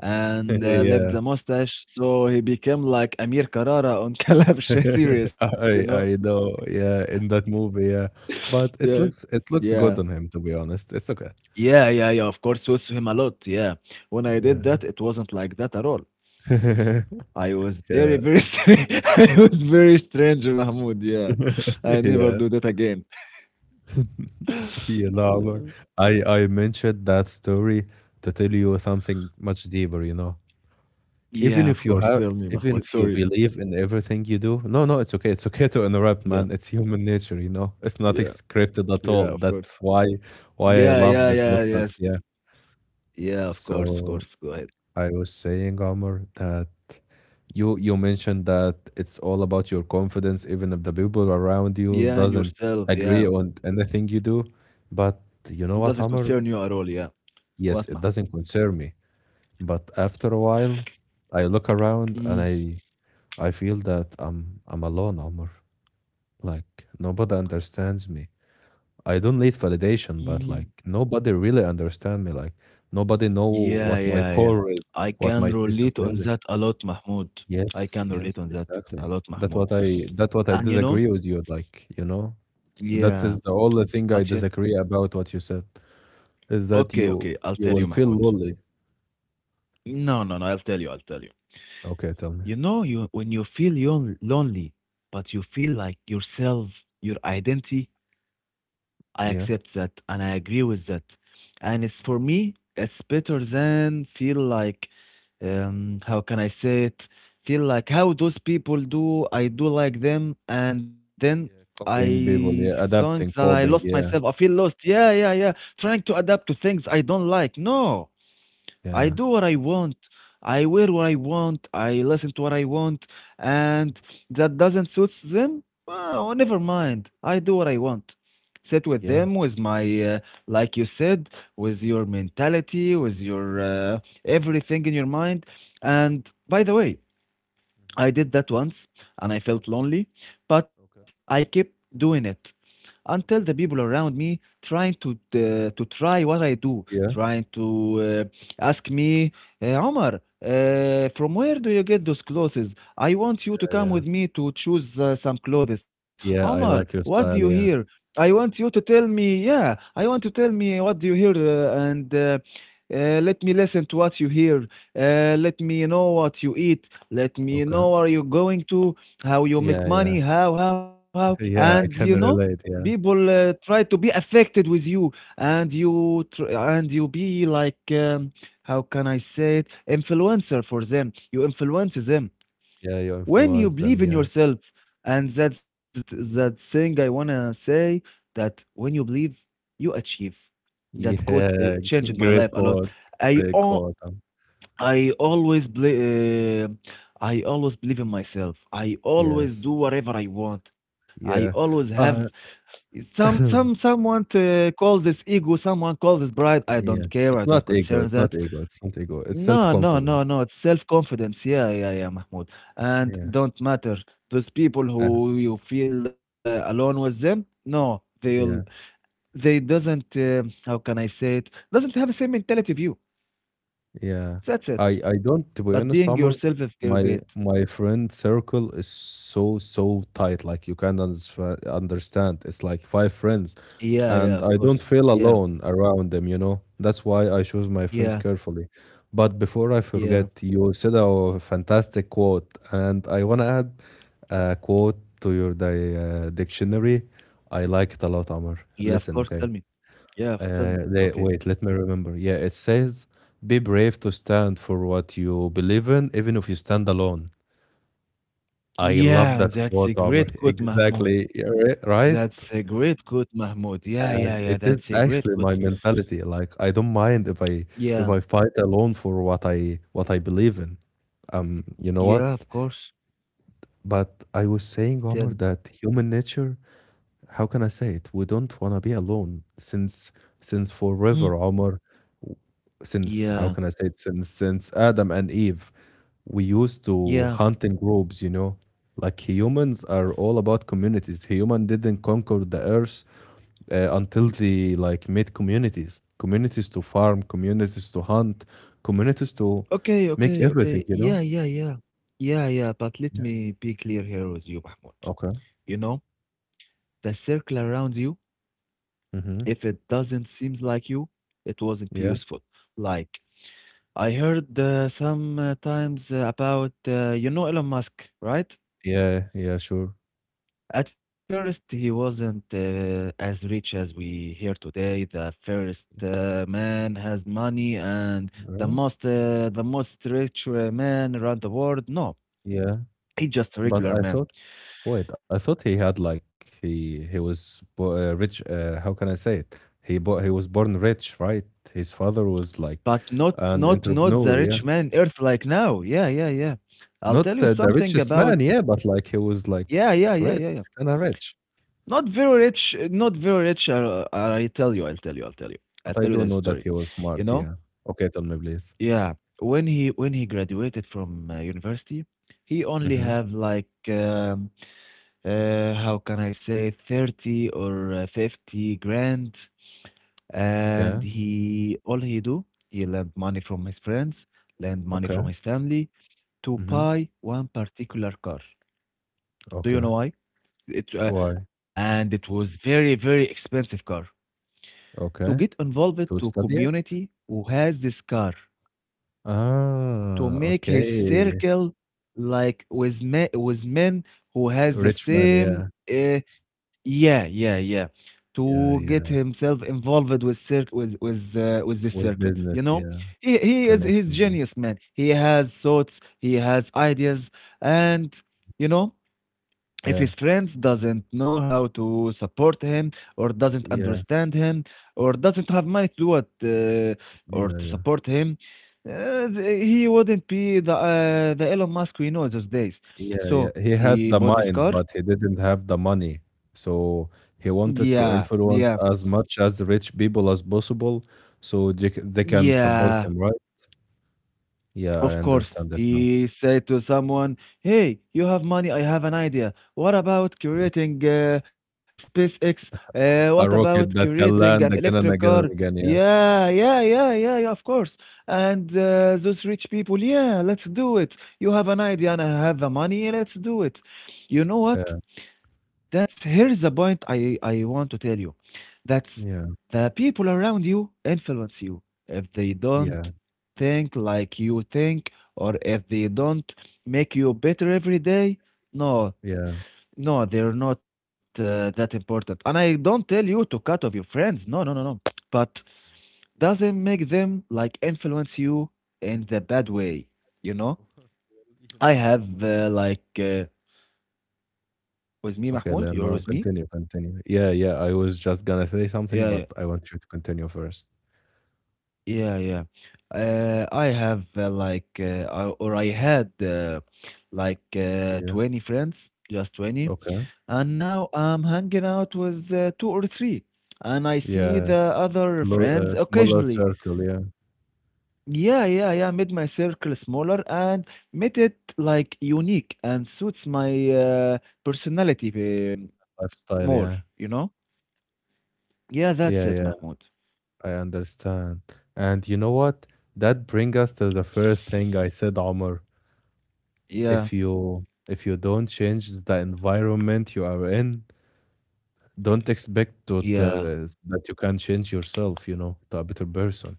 [SPEAKER 1] and left
[SPEAKER 2] Yeah,
[SPEAKER 1] the mustache so he became like Amir Carrara on Kalabsha series, you know?
[SPEAKER 2] I know. Yeah, in that movie. Yeah, but
[SPEAKER 1] Yeah.
[SPEAKER 2] it looks
[SPEAKER 1] Yeah.
[SPEAKER 2] good on him. To be honest, it's okay.
[SPEAKER 1] Yeah, yeah, yeah. Of course suits him a lot. Yeah. When I did
[SPEAKER 2] Yeah.
[SPEAKER 1] that, it wasn't like that at all. I was very,
[SPEAKER 2] Yeah.
[SPEAKER 1] very strange. I was very strange, Mahmoud. Yeah. I never
[SPEAKER 2] Yeah.
[SPEAKER 1] do that again.
[SPEAKER 2] Yeah, no, Omar.
[SPEAKER 1] Yeah.
[SPEAKER 2] I mentioned that story to tell you something much deeper, you know. Even
[SPEAKER 1] Yeah,
[SPEAKER 2] if
[SPEAKER 1] of
[SPEAKER 2] you
[SPEAKER 1] course.
[SPEAKER 2] have,
[SPEAKER 1] Tell me,
[SPEAKER 2] even
[SPEAKER 1] Mahmoud.
[SPEAKER 2] if you
[SPEAKER 1] Sorry.
[SPEAKER 2] believe in everything you do, no, no, it's okay. It's okay to
[SPEAKER 1] Yeah.
[SPEAKER 2] interrupt, man. It's human nature, you know. It's
[SPEAKER 1] Yeah.
[SPEAKER 2] not scripted at
[SPEAKER 1] Yeah, of
[SPEAKER 2] all.
[SPEAKER 1] course.
[SPEAKER 2] Why I
[SPEAKER 1] Yeah,
[SPEAKER 2] love
[SPEAKER 1] yeah,
[SPEAKER 2] this
[SPEAKER 1] yeah,
[SPEAKER 2] podcast.
[SPEAKER 1] yes.
[SPEAKER 2] Yeah.
[SPEAKER 1] Yeah, of course, of
[SPEAKER 2] So
[SPEAKER 1] course. Go ahead.
[SPEAKER 2] I was saying, Omar, that you mentioned that it's all about your confidence, even if the people around
[SPEAKER 1] Yeah, and
[SPEAKER 2] you doesn't
[SPEAKER 1] yourself, yeah.
[SPEAKER 2] agree on anything you do. But you
[SPEAKER 1] It
[SPEAKER 2] know what,
[SPEAKER 1] doesn't
[SPEAKER 2] Omar?
[SPEAKER 1] concern you at all, yeah.
[SPEAKER 2] Yes,
[SPEAKER 1] What,
[SPEAKER 2] it
[SPEAKER 1] Mahmoud?
[SPEAKER 2] doesn't concern me. But after a while, I look around and
[SPEAKER 1] Mm,
[SPEAKER 2] I feel that I'm alone, Omar. Like nobody understands me. I don't need validation, but like
[SPEAKER 1] mhm.
[SPEAKER 2] nobody really understand me. Like nobody know
[SPEAKER 1] Yeah,
[SPEAKER 2] what my
[SPEAKER 1] yeah, yeah.
[SPEAKER 2] core is,
[SPEAKER 1] I
[SPEAKER 2] what
[SPEAKER 1] can
[SPEAKER 2] my taste of
[SPEAKER 1] relate on
[SPEAKER 2] music.
[SPEAKER 1] that a lot, Mahmoud. I
[SPEAKER 2] Yes,
[SPEAKER 1] can
[SPEAKER 2] yes,
[SPEAKER 1] relate on that a
[SPEAKER 2] exactly.
[SPEAKER 1] lot, Mahmoud.
[SPEAKER 2] That what I
[SPEAKER 1] And you know,
[SPEAKER 2] disagree with you, like, you know, that
[SPEAKER 1] yeah,
[SPEAKER 2] is the only thing I
[SPEAKER 1] but you,
[SPEAKER 2] disagree about what you said, is that
[SPEAKER 1] okay, okay, I'll
[SPEAKER 2] you
[SPEAKER 1] tell
[SPEAKER 2] will
[SPEAKER 1] you,
[SPEAKER 2] feel
[SPEAKER 1] Mahmoud.
[SPEAKER 2] lonely.
[SPEAKER 1] No, no, no, I'll tell you, I'll tell you.
[SPEAKER 2] Okay, tell me.
[SPEAKER 1] You know, you when you feel yon lonely, but you feel like yourself, your identity I
[SPEAKER 2] Yeah.
[SPEAKER 1] accept that and I agree with that. And it's for me, it's better than feel like, how can I say it? Feel like how those people do, I do like them. And then
[SPEAKER 2] Yeah, copying
[SPEAKER 1] I
[SPEAKER 2] people, yeah,
[SPEAKER 1] think that
[SPEAKER 2] adapting,
[SPEAKER 1] I lost
[SPEAKER 2] coping,
[SPEAKER 1] myself. I
[SPEAKER 2] yeah,
[SPEAKER 1] feel lost. Yeah, yeah, yeah. Trying to adapt to things I don't like. No. I
[SPEAKER 2] yeah,
[SPEAKER 1] do what I want. I wear what I want. I listen to what I want. And that doesn't suit them? Oh, never mind. I do what I want. Sit with them,
[SPEAKER 2] yes.
[SPEAKER 1] with my, like you said, with your mentality, with your everything in your mind. And by the way, I
[SPEAKER 2] Hmm.
[SPEAKER 1] did that once and I felt
[SPEAKER 2] Yeah,
[SPEAKER 1] lonely, but I
[SPEAKER 2] okay,
[SPEAKER 1] kept doing it until the
[SPEAKER 2] okay.
[SPEAKER 1] people around me trying to try what I do,
[SPEAKER 2] Yeah,
[SPEAKER 1] trying to uh, ask me, Omar, from where do you get those clothes? I want you to
[SPEAKER 2] yeah,
[SPEAKER 1] come
[SPEAKER 2] yeah.
[SPEAKER 1] with me to choose some clothes. Omar,
[SPEAKER 2] Yeah, I like
[SPEAKER 1] what do
[SPEAKER 2] your
[SPEAKER 1] you
[SPEAKER 2] style,
[SPEAKER 1] hear?
[SPEAKER 2] yeah.
[SPEAKER 1] I want you to tell me, yeah, I want to tell me what do you hear and let me listen to what you hear. Let me know what you eat, let me know
[SPEAKER 2] Okay.
[SPEAKER 1] where you're going to, how you make
[SPEAKER 2] Yeah, yeah,
[SPEAKER 1] money, how, how. And
[SPEAKER 2] yeah,
[SPEAKER 1] you
[SPEAKER 2] I
[SPEAKER 1] know,
[SPEAKER 2] can relate, yeah.
[SPEAKER 1] people try to be affected with you, and and you be like, how can I say it, influencer for them. You influence them
[SPEAKER 2] Yeah, you
[SPEAKER 1] when you
[SPEAKER 2] influence them,
[SPEAKER 1] believe in
[SPEAKER 2] yeah.
[SPEAKER 1] yourself, and that thing I wanna say that when you believe, you achieve. That quote
[SPEAKER 2] Yeah,
[SPEAKER 1] changed my life
[SPEAKER 2] great
[SPEAKER 1] a lot.
[SPEAKER 2] quote,
[SPEAKER 1] I
[SPEAKER 2] great
[SPEAKER 1] o-
[SPEAKER 2] quote.
[SPEAKER 1] I always believe, I always believe in myself. I always
[SPEAKER 2] Yes.
[SPEAKER 1] do whatever I want. I
[SPEAKER 2] Yeah.
[SPEAKER 1] always have
[SPEAKER 2] Uh,
[SPEAKER 1] someone to call this ego, someone calls this pride. I don't
[SPEAKER 2] yes.
[SPEAKER 1] care. I
[SPEAKER 2] It's
[SPEAKER 1] don't
[SPEAKER 2] not ego,
[SPEAKER 1] concern
[SPEAKER 2] it's not
[SPEAKER 1] that.
[SPEAKER 2] ego, it's not ego, it's
[SPEAKER 1] No, no, no,
[SPEAKER 2] self-confidence.
[SPEAKER 1] no. It's self confidence. Yeah, yeah, yeah, Mahmoud. And
[SPEAKER 2] Yeah.
[SPEAKER 1] don't matter those people
[SPEAKER 2] Uh,
[SPEAKER 1] who you feel alone with them. No, they'll
[SPEAKER 2] yeah,
[SPEAKER 1] they doesn't. How can I say it? Doesn't have the same mentality of you.
[SPEAKER 2] yeah.
[SPEAKER 1] That's
[SPEAKER 2] I
[SPEAKER 1] it.
[SPEAKER 2] I don't to be
[SPEAKER 1] But
[SPEAKER 2] honest,
[SPEAKER 1] being
[SPEAKER 2] Amr,
[SPEAKER 1] yourself is
[SPEAKER 2] my
[SPEAKER 1] great.
[SPEAKER 2] my friend circle is so so tight, like you can't understand. It's like five friends,
[SPEAKER 1] Yeah, yeah, of
[SPEAKER 2] and I
[SPEAKER 1] course.
[SPEAKER 2] don't feel
[SPEAKER 1] Yeah,
[SPEAKER 2] alone around them, you know. That's why I choose my friends
[SPEAKER 1] yeah,
[SPEAKER 2] carefully. But before I
[SPEAKER 1] yeah,
[SPEAKER 2] forget, you said a fantastic quote, and I want to add a quote to your dictionary. I like it a lot, Amr.
[SPEAKER 1] yeah, of course. Tell
[SPEAKER 2] Listen,
[SPEAKER 1] me.
[SPEAKER 2] okay.
[SPEAKER 1] Tell me. Okay.
[SPEAKER 2] Wait, let me remember. Yeah, it says, "Be brave to stand for what you believe in, even if you stand alone." I love
[SPEAKER 1] Yeah,
[SPEAKER 2] that
[SPEAKER 1] that's a
[SPEAKER 2] quote, Amr.
[SPEAKER 1] great quote, Mahmoud.
[SPEAKER 2] Exactly, yeah,
[SPEAKER 1] That's
[SPEAKER 2] right?
[SPEAKER 1] a great quote, Mahmoud. Yeah, yeah, yeah,
[SPEAKER 2] And it
[SPEAKER 1] that's a
[SPEAKER 2] is
[SPEAKER 1] great
[SPEAKER 2] actually
[SPEAKER 1] quote.
[SPEAKER 2] my mentality. Like I don't mind if
[SPEAKER 1] Yeah,
[SPEAKER 2] I fight alone for what I believe in. You know
[SPEAKER 1] yeah,
[SPEAKER 2] what?
[SPEAKER 1] of course.
[SPEAKER 2] But I was saying, Omar,
[SPEAKER 1] Tell
[SPEAKER 2] that human nature, how can I say it? We don't wanna be alone since
[SPEAKER 1] Mm,
[SPEAKER 2] forever, Omar, since how
[SPEAKER 1] yeah,
[SPEAKER 2] can I say it, since Adam and Eve, we used to
[SPEAKER 1] yeah.
[SPEAKER 2] hunt in groups. You know, like humans are all about communities. Human didn't conquer the earth until they like made communities, communities to farm, communities to hunt, communities to
[SPEAKER 1] Okay,
[SPEAKER 2] make
[SPEAKER 1] okay,
[SPEAKER 2] everything.
[SPEAKER 1] okay.
[SPEAKER 2] You
[SPEAKER 1] Yeah,
[SPEAKER 2] know.
[SPEAKER 1] yeah, yeah. Yeah, yeah, but let
[SPEAKER 2] Yeah.
[SPEAKER 1] me be clear here with you, Mahmoud.
[SPEAKER 2] Okay.
[SPEAKER 1] You know, the circle around you, if
[SPEAKER 2] Mm-hmm.
[SPEAKER 1] it doesn't seem like you, it wasn't
[SPEAKER 2] Yeah.
[SPEAKER 1] useful. Like, I heard sometimes about, you know, Elon Musk, right?
[SPEAKER 2] Yeah. Yeah. Sure.
[SPEAKER 1] At first, he wasn't as rich as we hear today. The first man has money, and
[SPEAKER 2] Really?
[SPEAKER 1] the most rich man around the world. No,
[SPEAKER 2] Yeah.
[SPEAKER 1] he just a
[SPEAKER 2] But
[SPEAKER 1] regular
[SPEAKER 2] I
[SPEAKER 1] man,
[SPEAKER 2] thought. Wait, I thought he had like he was rich. How can I say it? He he was born rich, right? His father was like
[SPEAKER 1] but
[SPEAKER 2] an
[SPEAKER 1] not the
[SPEAKER 2] entrepreneur, yeah.
[SPEAKER 1] rich man in Earth like now. Yeah, yeah, yeah. I'll
[SPEAKER 2] Not
[SPEAKER 1] tell you
[SPEAKER 2] the
[SPEAKER 1] something
[SPEAKER 2] richest man,
[SPEAKER 1] about.
[SPEAKER 2] yeah, but like he was like
[SPEAKER 1] Yeah,
[SPEAKER 2] rich,
[SPEAKER 1] yeah, yeah,
[SPEAKER 2] kind
[SPEAKER 1] yeah,
[SPEAKER 2] of
[SPEAKER 1] yeah.
[SPEAKER 2] rich.
[SPEAKER 1] Not very rich, not very rich. I tell you,
[SPEAKER 2] But
[SPEAKER 1] I'll
[SPEAKER 2] I
[SPEAKER 1] tell you
[SPEAKER 2] don't
[SPEAKER 1] that
[SPEAKER 2] know that he
[SPEAKER 1] story.
[SPEAKER 2] was
[SPEAKER 1] You
[SPEAKER 2] smart, yeah.
[SPEAKER 1] know,
[SPEAKER 2] Okay, tell me please.
[SPEAKER 1] yeah. When he graduated from university, he only
[SPEAKER 2] Mm-hmm.
[SPEAKER 1] have like how can I say 30 or 50 grand, and
[SPEAKER 2] Yeah.
[SPEAKER 1] he all he do he lend money from his friends, lend money from
[SPEAKER 2] Okay.
[SPEAKER 1] his family to
[SPEAKER 2] Mm-hmm.
[SPEAKER 1] buy one particular car. Do you know
[SPEAKER 2] Okay.
[SPEAKER 1] why? It uh,
[SPEAKER 2] Why?
[SPEAKER 1] it was very very expensive car to
[SPEAKER 2] Okay.
[SPEAKER 1] get involved
[SPEAKER 2] To
[SPEAKER 1] to
[SPEAKER 2] study it?
[SPEAKER 1] community who has this car
[SPEAKER 2] Ah,
[SPEAKER 1] to make his
[SPEAKER 2] okay.
[SPEAKER 1] circle like with men who has the
[SPEAKER 2] Rich man,
[SPEAKER 1] same
[SPEAKER 2] yeah.
[SPEAKER 1] uh, yeah yeah yeah
[SPEAKER 2] Yeah,
[SPEAKER 1] to get
[SPEAKER 2] yeah.
[SPEAKER 1] himself involved with circ with this
[SPEAKER 2] With
[SPEAKER 1] circle, you
[SPEAKER 2] business,
[SPEAKER 1] know.
[SPEAKER 2] yeah.
[SPEAKER 1] He's
[SPEAKER 2] Connections, yeah.
[SPEAKER 1] genius man, he has thoughts, he has ideas, and, you know, if
[SPEAKER 2] Yeah.
[SPEAKER 1] his friends doesn't know how to support him or doesn't
[SPEAKER 2] Yeah,
[SPEAKER 1] understand him or doesn't have money to do it or to
[SPEAKER 2] yeah,
[SPEAKER 1] support him, he wouldn't be the Elon Musk we know those days.
[SPEAKER 2] yeah, yeah.
[SPEAKER 1] So
[SPEAKER 2] He had
[SPEAKER 1] he
[SPEAKER 2] the
[SPEAKER 1] bought this
[SPEAKER 2] mind,
[SPEAKER 1] car.
[SPEAKER 2] but he didn't have the money. So he wanted
[SPEAKER 1] Yeah,
[SPEAKER 2] to
[SPEAKER 1] yeah,
[SPEAKER 2] influence as much as rich people as possible so they, they can support
[SPEAKER 1] yeah.
[SPEAKER 2] him, right? Yeah, I
[SPEAKER 1] Of course,
[SPEAKER 2] understand that now.
[SPEAKER 1] he said to someone, hey, you have money, I have an idea. What about
[SPEAKER 2] Yeah.
[SPEAKER 1] creating SpaceX? What
[SPEAKER 2] A
[SPEAKER 1] about
[SPEAKER 2] rocket that
[SPEAKER 1] creating
[SPEAKER 2] can
[SPEAKER 1] an
[SPEAKER 2] land
[SPEAKER 1] electric
[SPEAKER 2] again and
[SPEAKER 1] car?
[SPEAKER 2] again and again. Yeah,
[SPEAKER 1] Yeah, yeah, yeah, yeah, yeah, of course. And those rich people, yeah, let's do it. You have an idea and I have the money, let's do it. You know what? That's Here's the point I want to tell you. That's
[SPEAKER 2] yeah,
[SPEAKER 1] the people around you influence you. If they don't
[SPEAKER 2] yeah,
[SPEAKER 1] think like you think, or if they don't make you better every day, no,
[SPEAKER 2] yeah, yeah.
[SPEAKER 1] no, they're not that important. And I don't tell you to cut off your friends. No, no, no, no. But doesn't make them like influence you in the bad way. You know,
[SPEAKER 2] Well, you
[SPEAKER 1] I
[SPEAKER 2] know what,
[SPEAKER 1] have
[SPEAKER 2] Amr?
[SPEAKER 1] with me,
[SPEAKER 2] Okay,
[SPEAKER 1] Mahmoud.
[SPEAKER 2] then
[SPEAKER 1] You're
[SPEAKER 2] no,
[SPEAKER 1] with me.
[SPEAKER 2] continue, continue. Yeah, yeah. I was just gonna say
[SPEAKER 1] Yeah,
[SPEAKER 2] something,
[SPEAKER 1] yeah.
[SPEAKER 2] but I want you to continue first.
[SPEAKER 1] Yeah, yeah. I have I had
[SPEAKER 2] Yeah.
[SPEAKER 1] 20 friends, just 20.
[SPEAKER 2] Okay.
[SPEAKER 1] And now I'm hanging out with two or three. And I see
[SPEAKER 2] Yeah.
[SPEAKER 1] the other
[SPEAKER 2] Clo
[SPEAKER 1] friends
[SPEAKER 2] smaller
[SPEAKER 1] occasionally.
[SPEAKER 2] circle, yeah.
[SPEAKER 1] Yeah, yeah, yeah. Made my circle smaller and made it like unique and suits my personality more,
[SPEAKER 2] Lifestyle,
[SPEAKER 1] you
[SPEAKER 2] yeah.
[SPEAKER 1] know? Yeah, that's it,
[SPEAKER 2] Yeah, yeah,
[SPEAKER 1] Mahmoud.
[SPEAKER 2] I understand. And you know what? That bring us to the first thing I said, Omar.
[SPEAKER 1] Yeah,
[SPEAKER 2] If you don't change the environment you are in, don't expect
[SPEAKER 1] yeah,
[SPEAKER 2] that you can change yourself, you know, to a better person.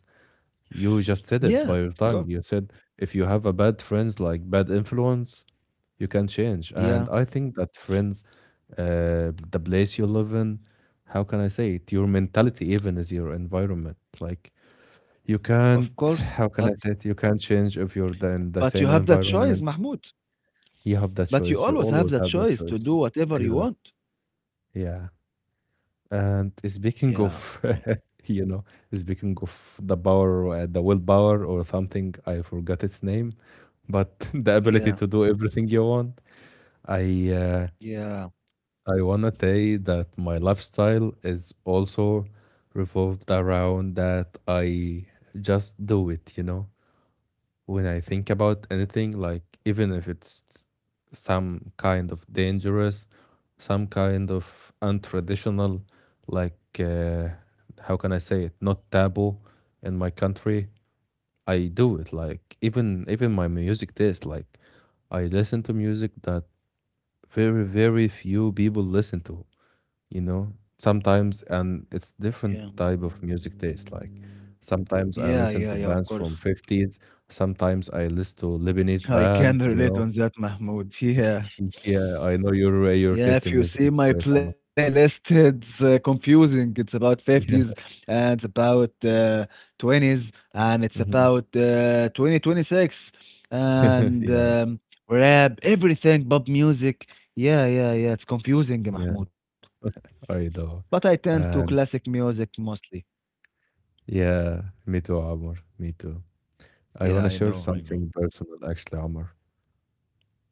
[SPEAKER 2] You just said it
[SPEAKER 1] yeah,
[SPEAKER 2] by
[SPEAKER 1] of
[SPEAKER 2] your tongue.
[SPEAKER 1] course.
[SPEAKER 2] You said if you have a bad friends, like bad influence, you can change. And
[SPEAKER 1] Yeah,
[SPEAKER 2] I think that friends the place you live in. How can I say it? Your mentality even is your environment. Like you can't.
[SPEAKER 1] of course.
[SPEAKER 2] How can I
[SPEAKER 1] But
[SPEAKER 2] say it? You can't change if you're in the
[SPEAKER 1] But you
[SPEAKER 2] same
[SPEAKER 1] have that choice,
[SPEAKER 2] environment.
[SPEAKER 1] Mahmoud.
[SPEAKER 2] You have that
[SPEAKER 1] But you
[SPEAKER 2] choice. You
[SPEAKER 1] always have
[SPEAKER 2] always
[SPEAKER 1] that
[SPEAKER 2] have that
[SPEAKER 1] choice to
[SPEAKER 2] choice.
[SPEAKER 1] do whatever you
[SPEAKER 2] Exactly.
[SPEAKER 1] want.
[SPEAKER 2] Yeah. And
[SPEAKER 1] Yeah,
[SPEAKER 2] speaking of, you know, speaking of the power, the willpower or something, I forgot its name, but the ability
[SPEAKER 1] yeah,
[SPEAKER 2] to do everything you want. I uh,
[SPEAKER 1] yeah,
[SPEAKER 2] I wanna say that my lifestyle is also revolved around that I just do it, you know. When I think about anything, like even if it's some kind of dangerous, some kind of untraditional, like how can I say it, not taboo in my country, I do it. Like even my music taste, like I listen to music that very very few people listen to, you know, sometimes, and it's
[SPEAKER 1] yeah,
[SPEAKER 2] different type of music taste. Like sometimes I
[SPEAKER 1] yeah,
[SPEAKER 2] listen
[SPEAKER 1] yeah,
[SPEAKER 2] to
[SPEAKER 1] yeah, of
[SPEAKER 2] bands
[SPEAKER 1] course.
[SPEAKER 2] from 50's, sometimes I listen to Lebanese
[SPEAKER 1] I can
[SPEAKER 2] band, you
[SPEAKER 1] relate
[SPEAKER 2] know.
[SPEAKER 1] on that, Mahmoud. Yeah.
[SPEAKER 2] Yeah, I know your
[SPEAKER 1] Yeah,
[SPEAKER 2] taste
[SPEAKER 1] if
[SPEAKER 2] in
[SPEAKER 1] you
[SPEAKER 2] music
[SPEAKER 1] see
[SPEAKER 2] is
[SPEAKER 1] my
[SPEAKER 2] great. I
[SPEAKER 1] playlist, it's confusing. It's about 50s
[SPEAKER 2] Yeah.
[SPEAKER 1] and it's about 20s and it's
[SPEAKER 2] Mhm.
[SPEAKER 1] about 2026 and
[SPEAKER 2] Yeah.
[SPEAKER 1] rap, everything, pop music. Yeah, yeah, yeah. It's confusing,
[SPEAKER 2] yeah
[SPEAKER 1] Mahmoud.
[SPEAKER 2] I do.
[SPEAKER 1] But I tend to
[SPEAKER 2] And
[SPEAKER 1] classic music mostly.
[SPEAKER 2] Yeah, me too, Amr, me too. I want to share
[SPEAKER 1] Yeah, I know,
[SPEAKER 2] something
[SPEAKER 1] I know.
[SPEAKER 2] personal actually, Amr.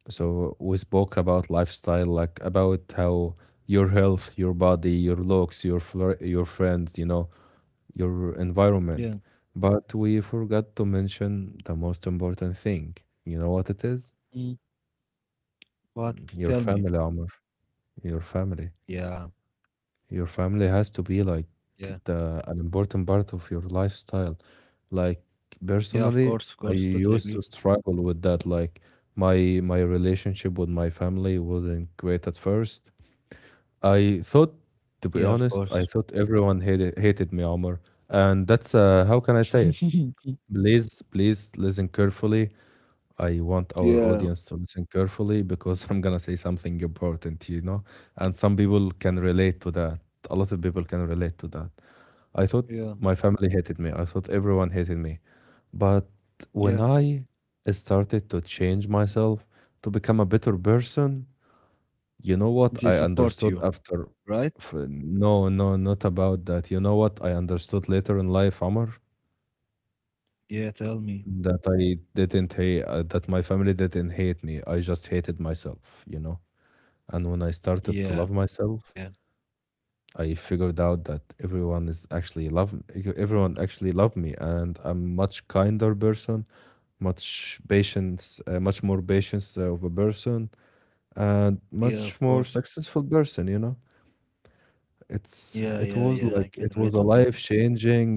[SPEAKER 2] So we spoke about lifestyle, like about how your health, your body, your looks, your flir your friends, you know, your environment.
[SPEAKER 1] Yeah.
[SPEAKER 2] But we forgot to mention the most important thing. You know what it is?
[SPEAKER 1] Mm. But
[SPEAKER 2] Your
[SPEAKER 1] tell
[SPEAKER 2] family,
[SPEAKER 1] me.
[SPEAKER 2] Amr. Your family.
[SPEAKER 1] Yeah,
[SPEAKER 2] Your family has to be like
[SPEAKER 1] yeah.
[SPEAKER 2] the an important part of your lifestyle. Like
[SPEAKER 1] Yeah, of
[SPEAKER 2] personally,
[SPEAKER 1] course,
[SPEAKER 2] I
[SPEAKER 1] of course.
[SPEAKER 2] used
[SPEAKER 1] Totally
[SPEAKER 2] to
[SPEAKER 1] agree.
[SPEAKER 2] struggle with that. Like my relationship with my family wasn't great at first. I thought, to
[SPEAKER 1] Yeah,
[SPEAKER 2] be
[SPEAKER 1] of
[SPEAKER 2] honest,
[SPEAKER 1] course.
[SPEAKER 2] I thought everyone hated me, Omar. And that's how can I say it? Please, please listen carefully. I want our audience
[SPEAKER 1] yeah,
[SPEAKER 2] to listen carefully because I'm gonna say something important, And some people can relate to that. A lot of people can relate to that. I thought
[SPEAKER 1] yeah,
[SPEAKER 2] my family hated me. I thought everyone hated me. But when
[SPEAKER 1] yeah.
[SPEAKER 2] I started to change myself to become a better person, you know what I
[SPEAKER 1] They
[SPEAKER 2] understood
[SPEAKER 1] support you, right?
[SPEAKER 2] no, no, not about that. You know what I understood later in life, Amr?
[SPEAKER 1] Yeah, tell me.
[SPEAKER 2] That I didn't hate, that my family didn't hate me. I just hated myself, you know? And when I started to love
[SPEAKER 1] Yeah, yeah,
[SPEAKER 2] myself, I figured out that everyone is everyone actually loved me, and I'm much kinder person, much more patience of a person, and
[SPEAKER 1] yeah,
[SPEAKER 2] much
[SPEAKER 1] of
[SPEAKER 2] more
[SPEAKER 1] course.
[SPEAKER 2] successful person, you know?
[SPEAKER 1] Yeah,
[SPEAKER 2] It's
[SPEAKER 1] yeah,
[SPEAKER 2] it
[SPEAKER 1] yeah.
[SPEAKER 2] was
[SPEAKER 1] I can
[SPEAKER 2] like it
[SPEAKER 1] relate
[SPEAKER 2] was
[SPEAKER 1] on
[SPEAKER 2] a
[SPEAKER 1] that.
[SPEAKER 2] life-changing,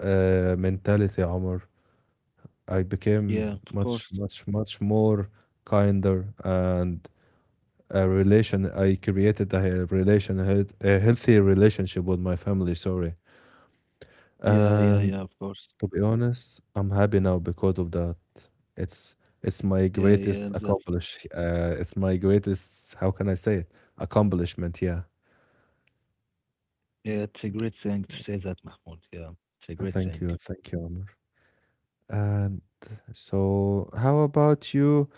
[SPEAKER 2] mentality, Omar. I became
[SPEAKER 1] Yeah, of
[SPEAKER 2] much,
[SPEAKER 1] course.
[SPEAKER 2] much, much more kinder and a relation. I created a he- relation, a a healthy relationship with my family. Sorry,
[SPEAKER 1] Yeah, yeah,
[SPEAKER 2] and
[SPEAKER 1] yeah, of course.
[SPEAKER 2] to be honest, I'm happy now because of that. It's it's my
[SPEAKER 1] Yeah,
[SPEAKER 2] greatest
[SPEAKER 1] yeah. That's
[SPEAKER 2] accomplish. It's my greatest. How can I say it? Accomplishment. Yeah.
[SPEAKER 1] yeah, it's a great thing to say
[SPEAKER 2] Yeah.
[SPEAKER 1] that, Mahmoud. Yeah, it's a great
[SPEAKER 2] Thank
[SPEAKER 1] thing.
[SPEAKER 2] you. Thank you, Omar. And so, how about you?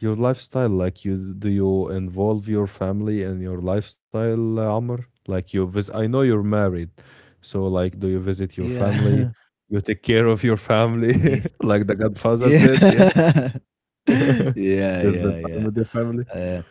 [SPEAKER 2] Your lifestyle, like you do you involve your family in your lifestyle, Amr? Like you visit, I know you're married, so like, do you visit your
[SPEAKER 1] Yeah.
[SPEAKER 2] family? You take care of your family,
[SPEAKER 1] yeah,
[SPEAKER 2] like the Godfather
[SPEAKER 1] yeah.
[SPEAKER 2] said, yeah.
[SPEAKER 1] Yeah,
[SPEAKER 2] You spend
[SPEAKER 1] yeah,
[SPEAKER 2] time
[SPEAKER 1] yeah.
[SPEAKER 2] with your family.
[SPEAKER 1] Uh,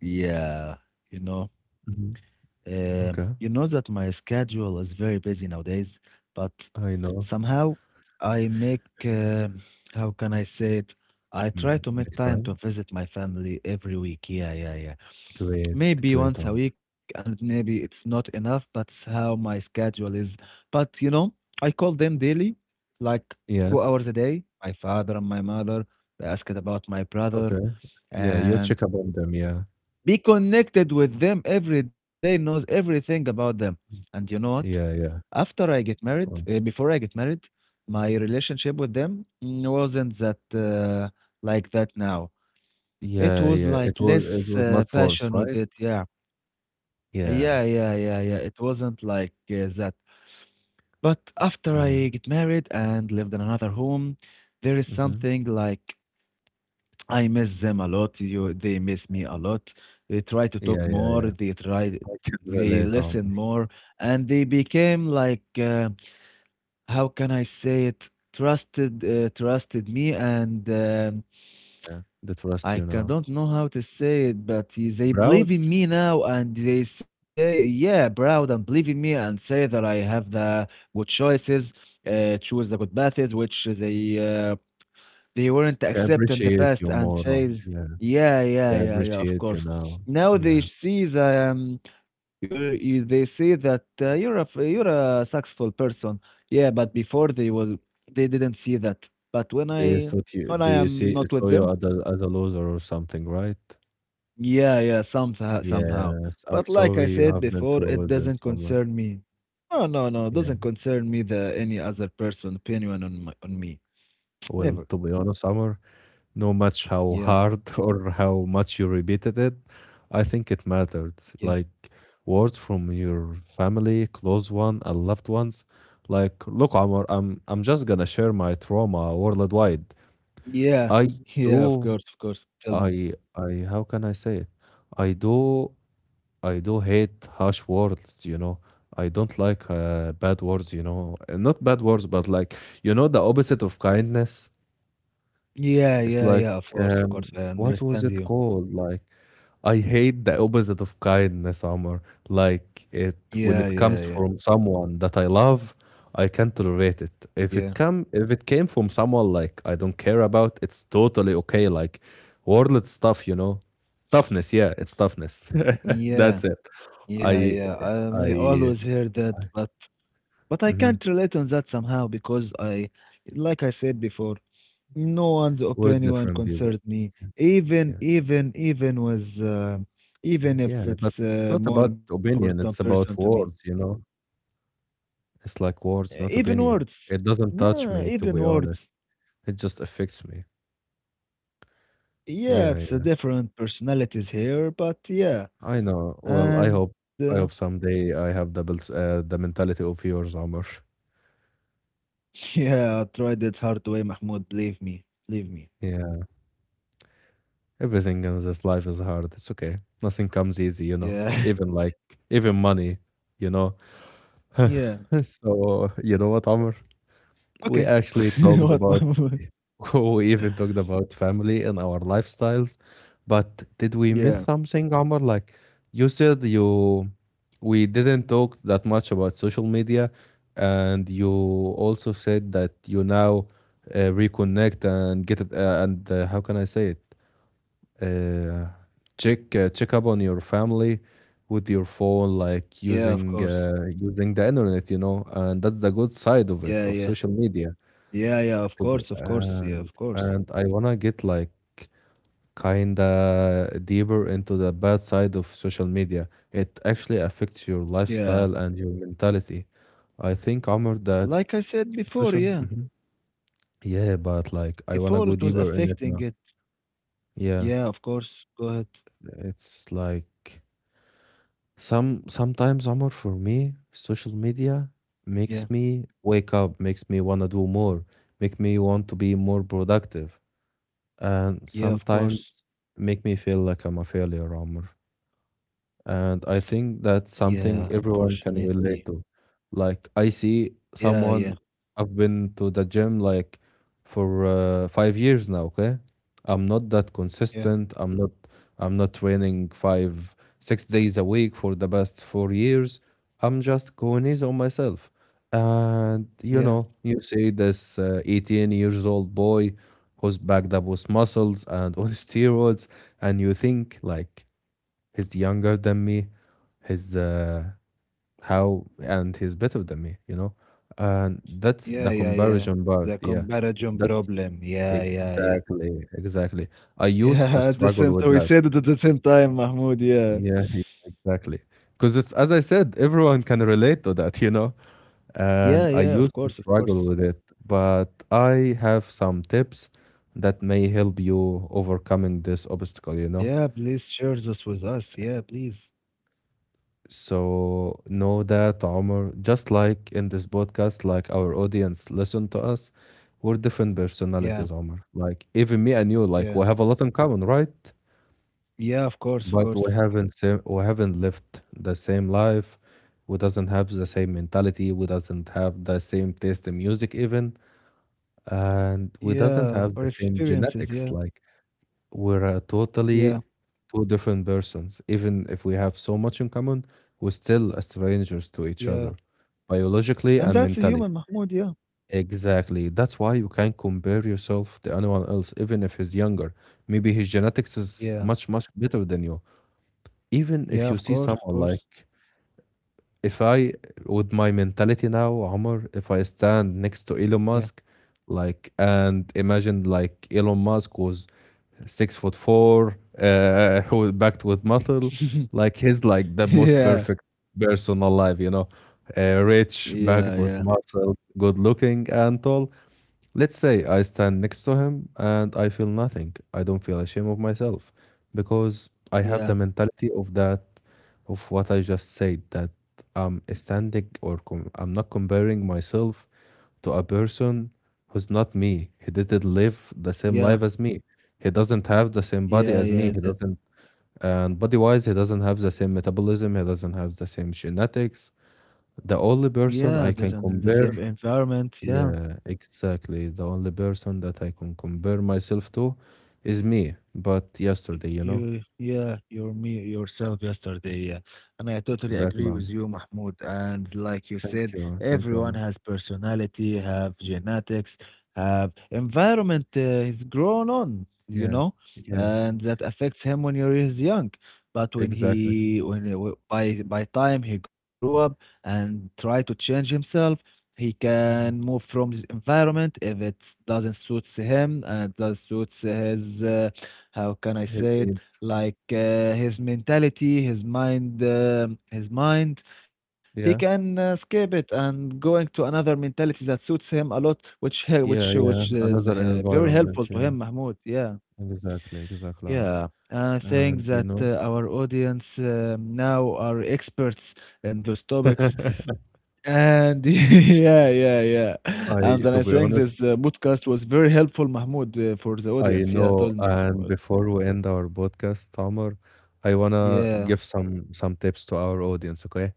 [SPEAKER 1] yeah, you know,
[SPEAKER 2] Mhm.
[SPEAKER 1] you
[SPEAKER 2] Okay,
[SPEAKER 1] know that my schedule is very busy nowadays, but
[SPEAKER 2] I know.
[SPEAKER 1] somehow I make, how can I say it? I try
[SPEAKER 2] Mm,
[SPEAKER 1] to make
[SPEAKER 2] make
[SPEAKER 1] time to
[SPEAKER 2] time.
[SPEAKER 1] visit my family every week. Yeah, yeah, yeah.
[SPEAKER 2] Great,
[SPEAKER 1] Maybe
[SPEAKER 2] great,
[SPEAKER 1] once a
[SPEAKER 2] Amr.
[SPEAKER 1] week, and maybe it's not enough. That's how my schedule is. But you know, I call them daily, like
[SPEAKER 2] Yeah.
[SPEAKER 1] 2 hours a day. My father and my mother, they asked about my brother,
[SPEAKER 2] Okay. Yeah, you
[SPEAKER 1] and
[SPEAKER 2] check up on them. Yeah.
[SPEAKER 1] be connected with them every day, knows everything about them. And you know what?
[SPEAKER 2] Yeah. Yeah.
[SPEAKER 1] After I get married, before I get married, my relationship with them mm, wasn't that like that now. It
[SPEAKER 2] Yeah,
[SPEAKER 1] was
[SPEAKER 2] yeah. It
[SPEAKER 1] like
[SPEAKER 2] was it
[SPEAKER 1] less
[SPEAKER 2] was much worse,
[SPEAKER 1] passion with
[SPEAKER 2] right?
[SPEAKER 1] it. Yeah. Yeah, yeah,
[SPEAKER 2] Yeah,
[SPEAKER 1] yeah, yeah. It wasn't like that. But after I
[SPEAKER 2] yeah.
[SPEAKER 1] get married and lived in another home, there is
[SPEAKER 2] Mhm.
[SPEAKER 1] something like I miss them a lot. You, they miss me a lot. They try to
[SPEAKER 2] Yeah,
[SPEAKER 1] talk
[SPEAKER 2] yeah, yeah.
[SPEAKER 1] more. They
[SPEAKER 2] I
[SPEAKER 1] try,
[SPEAKER 2] can
[SPEAKER 1] they
[SPEAKER 2] relate,
[SPEAKER 1] listen
[SPEAKER 2] Omar.
[SPEAKER 1] more, and they became like, how can I say it? Trusted, trusted me and.
[SPEAKER 2] Yeah. They trust you now.
[SPEAKER 1] Don't know how to say it, but they believe
[SPEAKER 2] Proud?
[SPEAKER 1] in me now and they say, yeah, proud and believe in me and say that I have the good choices, choose the good paths, which they weren't
[SPEAKER 2] They
[SPEAKER 1] accept in the
[SPEAKER 2] appreciate
[SPEAKER 1] past
[SPEAKER 2] you
[SPEAKER 1] and
[SPEAKER 2] more.
[SPEAKER 1] say,
[SPEAKER 2] Yeah.
[SPEAKER 1] yeah, yeah,
[SPEAKER 2] They
[SPEAKER 1] yeah, yeah, of
[SPEAKER 2] appreciate you
[SPEAKER 1] course.
[SPEAKER 2] now.
[SPEAKER 1] Now they
[SPEAKER 2] Yeah.
[SPEAKER 1] see that you, they see that you're a successful person. Yeah, but before they didn't see that. But
[SPEAKER 2] They thought you
[SPEAKER 1] when I
[SPEAKER 2] they
[SPEAKER 1] am
[SPEAKER 2] see
[SPEAKER 1] not with
[SPEAKER 2] saw you
[SPEAKER 1] them,
[SPEAKER 2] as a loser or something, right?
[SPEAKER 1] yeah, yeah, somehow, somehow.
[SPEAKER 2] Yes. I'm
[SPEAKER 1] But like I
[SPEAKER 2] sorry you
[SPEAKER 1] said
[SPEAKER 2] have been
[SPEAKER 1] before,
[SPEAKER 2] through
[SPEAKER 1] it
[SPEAKER 2] this,
[SPEAKER 1] doesn't
[SPEAKER 2] Omar.
[SPEAKER 1] concern me. No, no, no, it
[SPEAKER 2] Yeah.
[SPEAKER 1] doesn't concern me the any other person opinion on my on me.
[SPEAKER 2] Well,
[SPEAKER 1] Never.
[SPEAKER 2] to be honest, Omar, no much how
[SPEAKER 1] Yeah,
[SPEAKER 2] hard or how much you repeated it, I think it mattered,
[SPEAKER 1] yeah,
[SPEAKER 2] like words from your family close one and loved ones. Like look, Omar, I'm just gonna share my trauma worldwide.
[SPEAKER 1] yeah,
[SPEAKER 2] i
[SPEAKER 1] yeah.
[SPEAKER 2] do
[SPEAKER 1] Of course, of course. Tell me.
[SPEAKER 2] i i how can I say it, i do I do hate harsh words, you know. I don't like bad words, you know. Not bad words, but like you know, the opposite of kindness.
[SPEAKER 1] Yeah,
[SPEAKER 2] It's
[SPEAKER 1] yeah,
[SPEAKER 2] like
[SPEAKER 1] yeah. Of course, of
[SPEAKER 2] um,
[SPEAKER 1] course. I
[SPEAKER 2] what was
[SPEAKER 1] understand
[SPEAKER 2] it
[SPEAKER 1] you.
[SPEAKER 2] called? Like I hate the opposite of kindness, Omar. Like it
[SPEAKER 1] Yeah,
[SPEAKER 2] when
[SPEAKER 1] yeah,
[SPEAKER 2] it
[SPEAKER 1] yeah,
[SPEAKER 2] comes from someone that I love, I can't tolerate it.
[SPEAKER 1] yeah,
[SPEAKER 2] If it came from someone like I don't care about, it's totally okay. Like world stuff, you know. Toughness, yeah, it's toughness.
[SPEAKER 1] yeah,
[SPEAKER 2] That's it.
[SPEAKER 1] yeah, yeah.
[SPEAKER 2] I
[SPEAKER 1] I always
[SPEAKER 2] I
[SPEAKER 1] hear that, but I can't
[SPEAKER 2] mhm.
[SPEAKER 1] relate on that somehow because I, like I said before. No one's
[SPEAKER 2] We're
[SPEAKER 1] opinion
[SPEAKER 2] different people.
[SPEAKER 1] concerns me.
[SPEAKER 2] Yeah.
[SPEAKER 1] Even was, even
[SPEAKER 2] Yeah.
[SPEAKER 1] if
[SPEAKER 2] But
[SPEAKER 1] it's
[SPEAKER 2] it's not
[SPEAKER 1] a
[SPEAKER 2] about
[SPEAKER 1] more important
[SPEAKER 2] opinion, it's
[SPEAKER 1] person to
[SPEAKER 2] about
[SPEAKER 1] me.
[SPEAKER 2] words, you know? It's like words, not
[SPEAKER 1] Even
[SPEAKER 2] opinion.
[SPEAKER 1] words.
[SPEAKER 2] It doesn't touch
[SPEAKER 1] Yeah,
[SPEAKER 2] me, to
[SPEAKER 1] even
[SPEAKER 2] be
[SPEAKER 1] words.
[SPEAKER 2] honest. It just affects me.
[SPEAKER 1] Yeah,
[SPEAKER 2] Yeah,
[SPEAKER 1] it's a
[SPEAKER 2] yeah.
[SPEAKER 1] different personalities here, but yeah.
[SPEAKER 2] I know. Well, I
[SPEAKER 1] And
[SPEAKER 2] hope I hope someday I have the mentality of yours, Amr.
[SPEAKER 1] yeah, I tried it hard way, Mahmoud. Believe me, believe me.
[SPEAKER 2] Yeah. Everything in this life is hard. It's okay. Nothing comes easy, you know.
[SPEAKER 1] Yeah,
[SPEAKER 2] Even like even money, you know.
[SPEAKER 1] yeah.
[SPEAKER 2] So you know what, Amr? We
[SPEAKER 1] Okay.
[SPEAKER 2] actually talked
[SPEAKER 1] What,
[SPEAKER 2] about,
[SPEAKER 1] Mahmoud?
[SPEAKER 2] we even talked about family and our lifestyles. But did we miss
[SPEAKER 1] Yeah,
[SPEAKER 2] something, Omar? Like you said, you we didn't talk that much about social media, and you also said that you now reconnect and get it. And How can I say it? Uh, Check check up on your family with your phone,
[SPEAKER 1] yeah,
[SPEAKER 2] like
[SPEAKER 1] of
[SPEAKER 2] using
[SPEAKER 1] course.
[SPEAKER 2] using the internet, you know, and that's the good side of
[SPEAKER 1] Yeah,
[SPEAKER 2] it of
[SPEAKER 1] yeah,
[SPEAKER 2] social media.
[SPEAKER 1] yeah, yeah. Of
[SPEAKER 2] To be
[SPEAKER 1] course, of course. Yeah, of course.
[SPEAKER 2] and I wanna get like kinda deeper into the bad side of social media. It actually affects your
[SPEAKER 1] Yeah.
[SPEAKER 2] lifestyle and your mentality. I think, Omar,
[SPEAKER 1] Like
[SPEAKER 2] that
[SPEAKER 1] I said before,
[SPEAKER 2] social
[SPEAKER 1] yeah.
[SPEAKER 2] mhm. Yeah, but like I wanna
[SPEAKER 1] Before
[SPEAKER 2] go
[SPEAKER 1] it was
[SPEAKER 2] deeper in it
[SPEAKER 1] affecting
[SPEAKER 2] now.
[SPEAKER 1] it.
[SPEAKER 2] Yeah,
[SPEAKER 1] Yeah, of course. Go ahead.
[SPEAKER 2] it's like sometimes, Omar, for me, social media
[SPEAKER 1] Yeah.
[SPEAKER 2] makes me wake up, makes me wanna do more, make me want to be more productive, and
[SPEAKER 1] Yeah, of
[SPEAKER 2] sometimes
[SPEAKER 1] course.
[SPEAKER 2] make me feel like I'm a failure, Amr. And I think that's
[SPEAKER 1] Yeah,
[SPEAKER 2] something everyone can
[SPEAKER 1] unfortunately.
[SPEAKER 2] relate to. Like I see
[SPEAKER 1] Yeah, yeah,
[SPEAKER 2] someone I've been to the gym like for 5 years now, okay? I'm not that
[SPEAKER 1] yeah,
[SPEAKER 2] consistent. I'm not training five, 6 days a week for the past 4 years. I'm just going easy on myself. And you
[SPEAKER 1] yeah,
[SPEAKER 2] know, you see this 18 years old boy who's backed up with muscles and on steroids, and you think like he's younger than me, he's how, and he's better than me, you know. And that's
[SPEAKER 1] yeah,
[SPEAKER 2] the
[SPEAKER 1] yeah, yeah.
[SPEAKER 2] comparison
[SPEAKER 1] The
[SPEAKER 2] part, yeah.
[SPEAKER 1] comparison
[SPEAKER 2] That's
[SPEAKER 1] problem. Yeah, yeah, yeah.
[SPEAKER 2] exactly, exactly. I used to
[SPEAKER 1] Yeah, at the
[SPEAKER 2] struggle
[SPEAKER 1] same
[SPEAKER 2] with
[SPEAKER 1] time, we
[SPEAKER 2] that.
[SPEAKER 1] said it at the same time, Mahmoud. Yeah.
[SPEAKER 2] Yeah, exactly, because it's as I said, everyone can relate to that, you know.
[SPEAKER 1] Yeah,
[SPEAKER 2] And
[SPEAKER 1] yeah,
[SPEAKER 2] I
[SPEAKER 1] of
[SPEAKER 2] used
[SPEAKER 1] course, of
[SPEAKER 2] to
[SPEAKER 1] course.
[SPEAKER 2] struggle with it, but I have some tips that may help you overcoming this obstacle, you know.
[SPEAKER 1] Yeah, please share this with us. Yeah, please.
[SPEAKER 2] So know that Omar, just like in this podcast, like our audience listen to us, we're different
[SPEAKER 1] Yeah,
[SPEAKER 2] personalities, Omar. Like even me and you, like
[SPEAKER 1] yeah.
[SPEAKER 2] we have a lot in common, right?
[SPEAKER 1] Yeah, of course, of
[SPEAKER 2] But
[SPEAKER 1] course.
[SPEAKER 2] we haven't lived the same life. We doesn't have the same mentality. We doesn't have the same taste in music even, and
[SPEAKER 1] Yeah,
[SPEAKER 2] we
[SPEAKER 1] or
[SPEAKER 2] doesn't have the same
[SPEAKER 1] experiences. Yeah,
[SPEAKER 2] genetics. Like we're
[SPEAKER 1] yeah,
[SPEAKER 2] totally two different persons. Even if we have so much in common, we're still a strangers to
[SPEAKER 1] yeah.
[SPEAKER 2] each other,
[SPEAKER 1] And
[SPEAKER 2] biologically
[SPEAKER 1] that's a
[SPEAKER 2] and
[SPEAKER 1] human,
[SPEAKER 2] mentally.
[SPEAKER 1] Mahmoud, yeah.
[SPEAKER 2] Exactly. That's why you can't compare yourself to anyone else, even if he's younger. Maybe his genetics is
[SPEAKER 1] Yeah,
[SPEAKER 2] much, much better than you. Even
[SPEAKER 1] yeah,
[SPEAKER 2] if you
[SPEAKER 1] of
[SPEAKER 2] see
[SPEAKER 1] course, of
[SPEAKER 2] someone
[SPEAKER 1] course.
[SPEAKER 2] like if I, with my mentality now, Omar, if I stand next to Elon
[SPEAKER 1] Yeah.
[SPEAKER 2] Musk, like, and imagine like Elon Musk was 6 foot four, who backed with muscle, like he's like the most
[SPEAKER 1] Yeah,
[SPEAKER 2] perfect person alive, you know, rich,
[SPEAKER 1] yeah,
[SPEAKER 2] backed
[SPEAKER 1] yeah,
[SPEAKER 2] with muscle, good looking and tall. Let's say I stand next to him and I feel nothing. I don't feel ashamed of myself because I have the
[SPEAKER 1] yeah,
[SPEAKER 2] mentality of that, of what I just said, that I'm not comparing myself to a person who's not me. He didn't live the same
[SPEAKER 1] yeah,
[SPEAKER 2] life as me. He doesn't have the same body
[SPEAKER 1] yeah,
[SPEAKER 2] as me.
[SPEAKER 1] yeah.
[SPEAKER 2] He
[SPEAKER 1] That
[SPEAKER 2] doesn't, and body wise, he doesn't have the same metabolism. He doesn't have the same genetics. The only
[SPEAKER 1] yeah,
[SPEAKER 2] person
[SPEAKER 1] that's
[SPEAKER 2] I
[SPEAKER 1] in
[SPEAKER 2] can
[SPEAKER 1] the same
[SPEAKER 2] compare
[SPEAKER 1] environment. Yeah.
[SPEAKER 2] yeah, exactly. The only person that I can compare myself to is me, but yesterday, you know?
[SPEAKER 1] You, yeah, you're me yourself yesterday, yeah. And I totally
[SPEAKER 2] Exactly.
[SPEAKER 1] agree with you, Mahmoud. And like you
[SPEAKER 2] Thank
[SPEAKER 1] said,
[SPEAKER 2] you. Thank you,
[SPEAKER 1] everyone
[SPEAKER 2] Omar.
[SPEAKER 1] has personality, have genetics, have environment he's grown on, you
[SPEAKER 2] Yeah,
[SPEAKER 1] know,
[SPEAKER 2] yeah,
[SPEAKER 1] and that affects him when he's young. But
[SPEAKER 2] exactly.
[SPEAKER 1] by time he grew up and try to change himself, he can
[SPEAKER 2] Mhm.
[SPEAKER 1] move from his environment if it doesn't suits him and does suits his. How can I
[SPEAKER 2] His
[SPEAKER 1] say it?
[SPEAKER 2] needs.
[SPEAKER 1] Like his mentality, his mind, his mind. He
[SPEAKER 2] Yeah,
[SPEAKER 1] can skip it and going to another mentality that suits him a lot,
[SPEAKER 2] yeah,
[SPEAKER 1] which
[SPEAKER 2] yeah.
[SPEAKER 1] is
[SPEAKER 2] Another
[SPEAKER 1] very helpful
[SPEAKER 2] environment.
[SPEAKER 1] to
[SPEAKER 2] Yeah,
[SPEAKER 1] him, Mahmoud. Yeah,
[SPEAKER 2] exactly, exactly.
[SPEAKER 1] yeah. I think
[SPEAKER 2] And, you
[SPEAKER 1] that
[SPEAKER 2] know,
[SPEAKER 1] our audience now are experts in those topics, and yeah, yeah, yeah. And
[SPEAKER 2] I,
[SPEAKER 1] then
[SPEAKER 2] to
[SPEAKER 1] I
[SPEAKER 2] be
[SPEAKER 1] think
[SPEAKER 2] honest,
[SPEAKER 1] this podcast was very helpful, Mahmoud, for the
[SPEAKER 2] I
[SPEAKER 1] audience. Yeah,
[SPEAKER 2] know.
[SPEAKER 1] told me,
[SPEAKER 2] And
[SPEAKER 1] Mahmoud.
[SPEAKER 2] before we end our podcast, Omar, I wanna
[SPEAKER 1] Yeah.
[SPEAKER 2] give some tips to our audience, okay?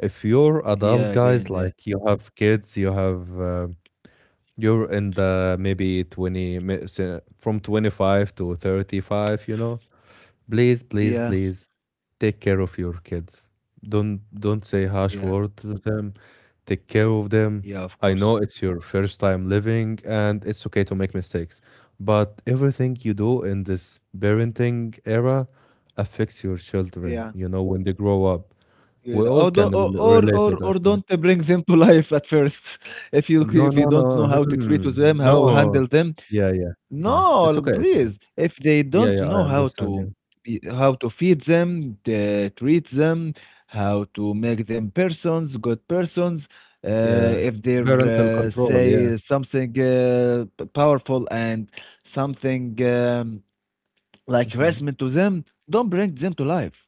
[SPEAKER 2] If you're
[SPEAKER 1] Yeah,
[SPEAKER 2] adult
[SPEAKER 1] again, yeah.
[SPEAKER 2] guys, like you have kids, you have you're in the maybe from 25 to 35, you know. Please, please,
[SPEAKER 1] Yeah,
[SPEAKER 2] please take care of your kids. Don't say harsh word
[SPEAKER 1] yeah,
[SPEAKER 2] to them. Take care of them.
[SPEAKER 1] yeah,
[SPEAKER 2] I
[SPEAKER 1] of
[SPEAKER 2] know
[SPEAKER 1] course.
[SPEAKER 2] it's your first time living and it's okay to make mistakes, but everything you do in this parenting era affects your children, you know,
[SPEAKER 1] Yeah,
[SPEAKER 2] when they grow up. We
[SPEAKER 1] yeah.
[SPEAKER 2] all can relate to that.
[SPEAKER 1] Or
[SPEAKER 2] Yeah.
[SPEAKER 1] don't bring them to life at first.
[SPEAKER 2] No,
[SPEAKER 1] If you
[SPEAKER 2] no,
[SPEAKER 1] don't know
[SPEAKER 2] no.
[SPEAKER 1] how to treat
[SPEAKER 2] Hmm.
[SPEAKER 1] with them, how to
[SPEAKER 2] No.
[SPEAKER 1] handle them,
[SPEAKER 2] Yeah, yeah, yeah. It's
[SPEAKER 1] no,
[SPEAKER 2] okay, it's okay.
[SPEAKER 1] please. If they
[SPEAKER 2] Yeah,
[SPEAKER 1] don't
[SPEAKER 2] yeah,
[SPEAKER 1] know
[SPEAKER 2] I
[SPEAKER 1] how
[SPEAKER 2] understand
[SPEAKER 1] to,
[SPEAKER 2] you.
[SPEAKER 1] how to feed them, the, treat them, how to make them persons, good persons.
[SPEAKER 2] Yeah.
[SPEAKER 1] If they
[SPEAKER 2] Parental control, yeah.
[SPEAKER 1] powerful and something. Like
[SPEAKER 2] Mhm.
[SPEAKER 1] harassment to them, don't bring them to life.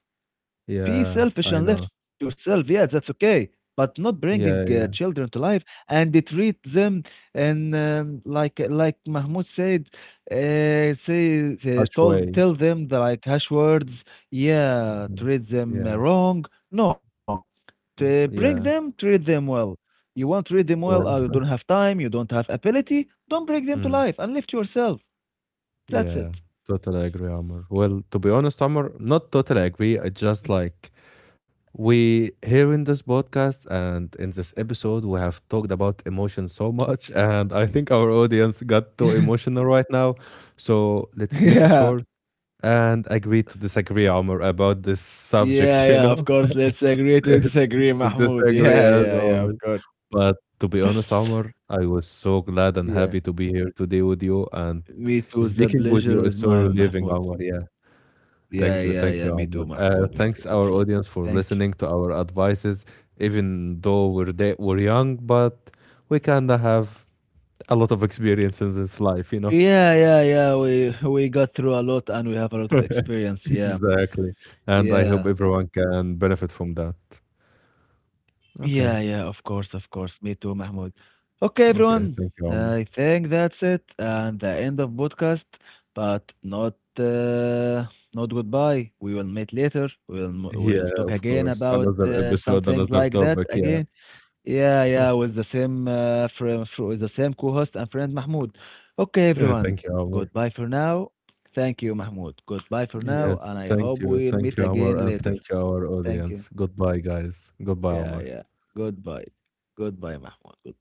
[SPEAKER 1] Be
[SPEAKER 2] Yeah,
[SPEAKER 1] selfish
[SPEAKER 2] I
[SPEAKER 1] and
[SPEAKER 2] know.
[SPEAKER 1] lift yourself. Yeah, that's okay. But not
[SPEAKER 2] Yeah,
[SPEAKER 1] bringing
[SPEAKER 2] yeah.
[SPEAKER 1] children to life and they treat them and like Mahmoud said, say
[SPEAKER 2] Harsh
[SPEAKER 1] told
[SPEAKER 2] way.
[SPEAKER 1] tell them the like harsh words. Yeah,
[SPEAKER 2] Mhm.
[SPEAKER 1] treat them
[SPEAKER 2] Yeah,
[SPEAKER 1] wrong. No, to
[SPEAKER 2] yeah,
[SPEAKER 1] bring them,
[SPEAKER 2] yeah.
[SPEAKER 1] treat them well. You won't treat them well. Oh,
[SPEAKER 2] Well,
[SPEAKER 1] you don't have time. You don't have ability. Don't bring them to
[SPEAKER 2] mm,
[SPEAKER 1] life and lift yourself. That's
[SPEAKER 2] yeah,
[SPEAKER 1] it.
[SPEAKER 2] totally agree, Amr. Well, to be honest, Amr, not totally agree. I just like we here in this podcast and in this episode, we have talked about emotion so much, and I think our audience got too emotional right now. So let's make it
[SPEAKER 1] yeah.
[SPEAKER 2] short and agree to disagree, Omar, about this
[SPEAKER 1] Yeah,
[SPEAKER 2] subject. You
[SPEAKER 1] yeah, of
[SPEAKER 2] know,
[SPEAKER 1] course. Let's agree to
[SPEAKER 2] it's
[SPEAKER 1] disagree,
[SPEAKER 2] to
[SPEAKER 1] Mahmoud.
[SPEAKER 2] disagree
[SPEAKER 1] Yeah,
[SPEAKER 2] as
[SPEAKER 1] yeah, yeah, of
[SPEAKER 2] always.
[SPEAKER 1] course.
[SPEAKER 2] But to be honest, Omar, I was so glad and
[SPEAKER 1] Yeah.
[SPEAKER 2] happy to be here today with you, and
[SPEAKER 1] Me too. The
[SPEAKER 2] speaking with you
[SPEAKER 1] pleasure
[SPEAKER 2] is
[SPEAKER 1] is
[SPEAKER 2] so
[SPEAKER 1] mine,
[SPEAKER 2] relieving,
[SPEAKER 1] Mahmoud.
[SPEAKER 2] Omar. Yeah.
[SPEAKER 1] Yeah, yeah,
[SPEAKER 2] Thank
[SPEAKER 1] yeah.
[SPEAKER 2] you,
[SPEAKER 1] Me
[SPEAKER 2] Omar.
[SPEAKER 1] too, Mahmoud. Me too.
[SPEAKER 2] Thanks our audience for
[SPEAKER 1] Thank
[SPEAKER 2] listening to our advices, even though we're young, but we kinda have a lot of experience in this life, you know.
[SPEAKER 1] you. Yeah, yeah, yeah. We got through a lot and we have a lot of experience. Yeah.
[SPEAKER 2] Exactly, and I hope
[SPEAKER 1] Yeah.
[SPEAKER 2] everyone can benefit from that.
[SPEAKER 1] Yeah, yeah,
[SPEAKER 2] Okay,
[SPEAKER 1] of course, of course. Me too, Mahmoud. Okay, everyone.
[SPEAKER 2] okay, thank you, Omar.
[SPEAKER 1] I think that's it and the end of podcast, but not uh, not goodbye. We will meet later. We'll
[SPEAKER 2] Yeah,
[SPEAKER 1] talk
[SPEAKER 2] of
[SPEAKER 1] again
[SPEAKER 2] course.
[SPEAKER 1] about
[SPEAKER 2] Another
[SPEAKER 1] some
[SPEAKER 2] episode,
[SPEAKER 1] things
[SPEAKER 2] another
[SPEAKER 1] like that
[SPEAKER 2] topic. Yeah,
[SPEAKER 1] again. Yeah, yeah, with the same friend, with the same co-host and friend Mahmoud. Okay,
[SPEAKER 2] yeah.
[SPEAKER 1] everyone.
[SPEAKER 2] Thank you, Omar.
[SPEAKER 1] Goodbye for now. Thank you, Mahmoud. Goodbye for now,
[SPEAKER 2] Yes,
[SPEAKER 1] and I hope we'll
[SPEAKER 2] thank
[SPEAKER 1] meet
[SPEAKER 2] you, Omar,
[SPEAKER 1] again
[SPEAKER 2] and
[SPEAKER 1] later.
[SPEAKER 2] thank you our
[SPEAKER 1] Thank you.
[SPEAKER 2] audience. Goodbye, guys.
[SPEAKER 1] Yeah,
[SPEAKER 2] Goodbye,
[SPEAKER 1] yeah.
[SPEAKER 2] Omar.
[SPEAKER 1] Goodbye. Goodbye, Mahmoud. Goodbye.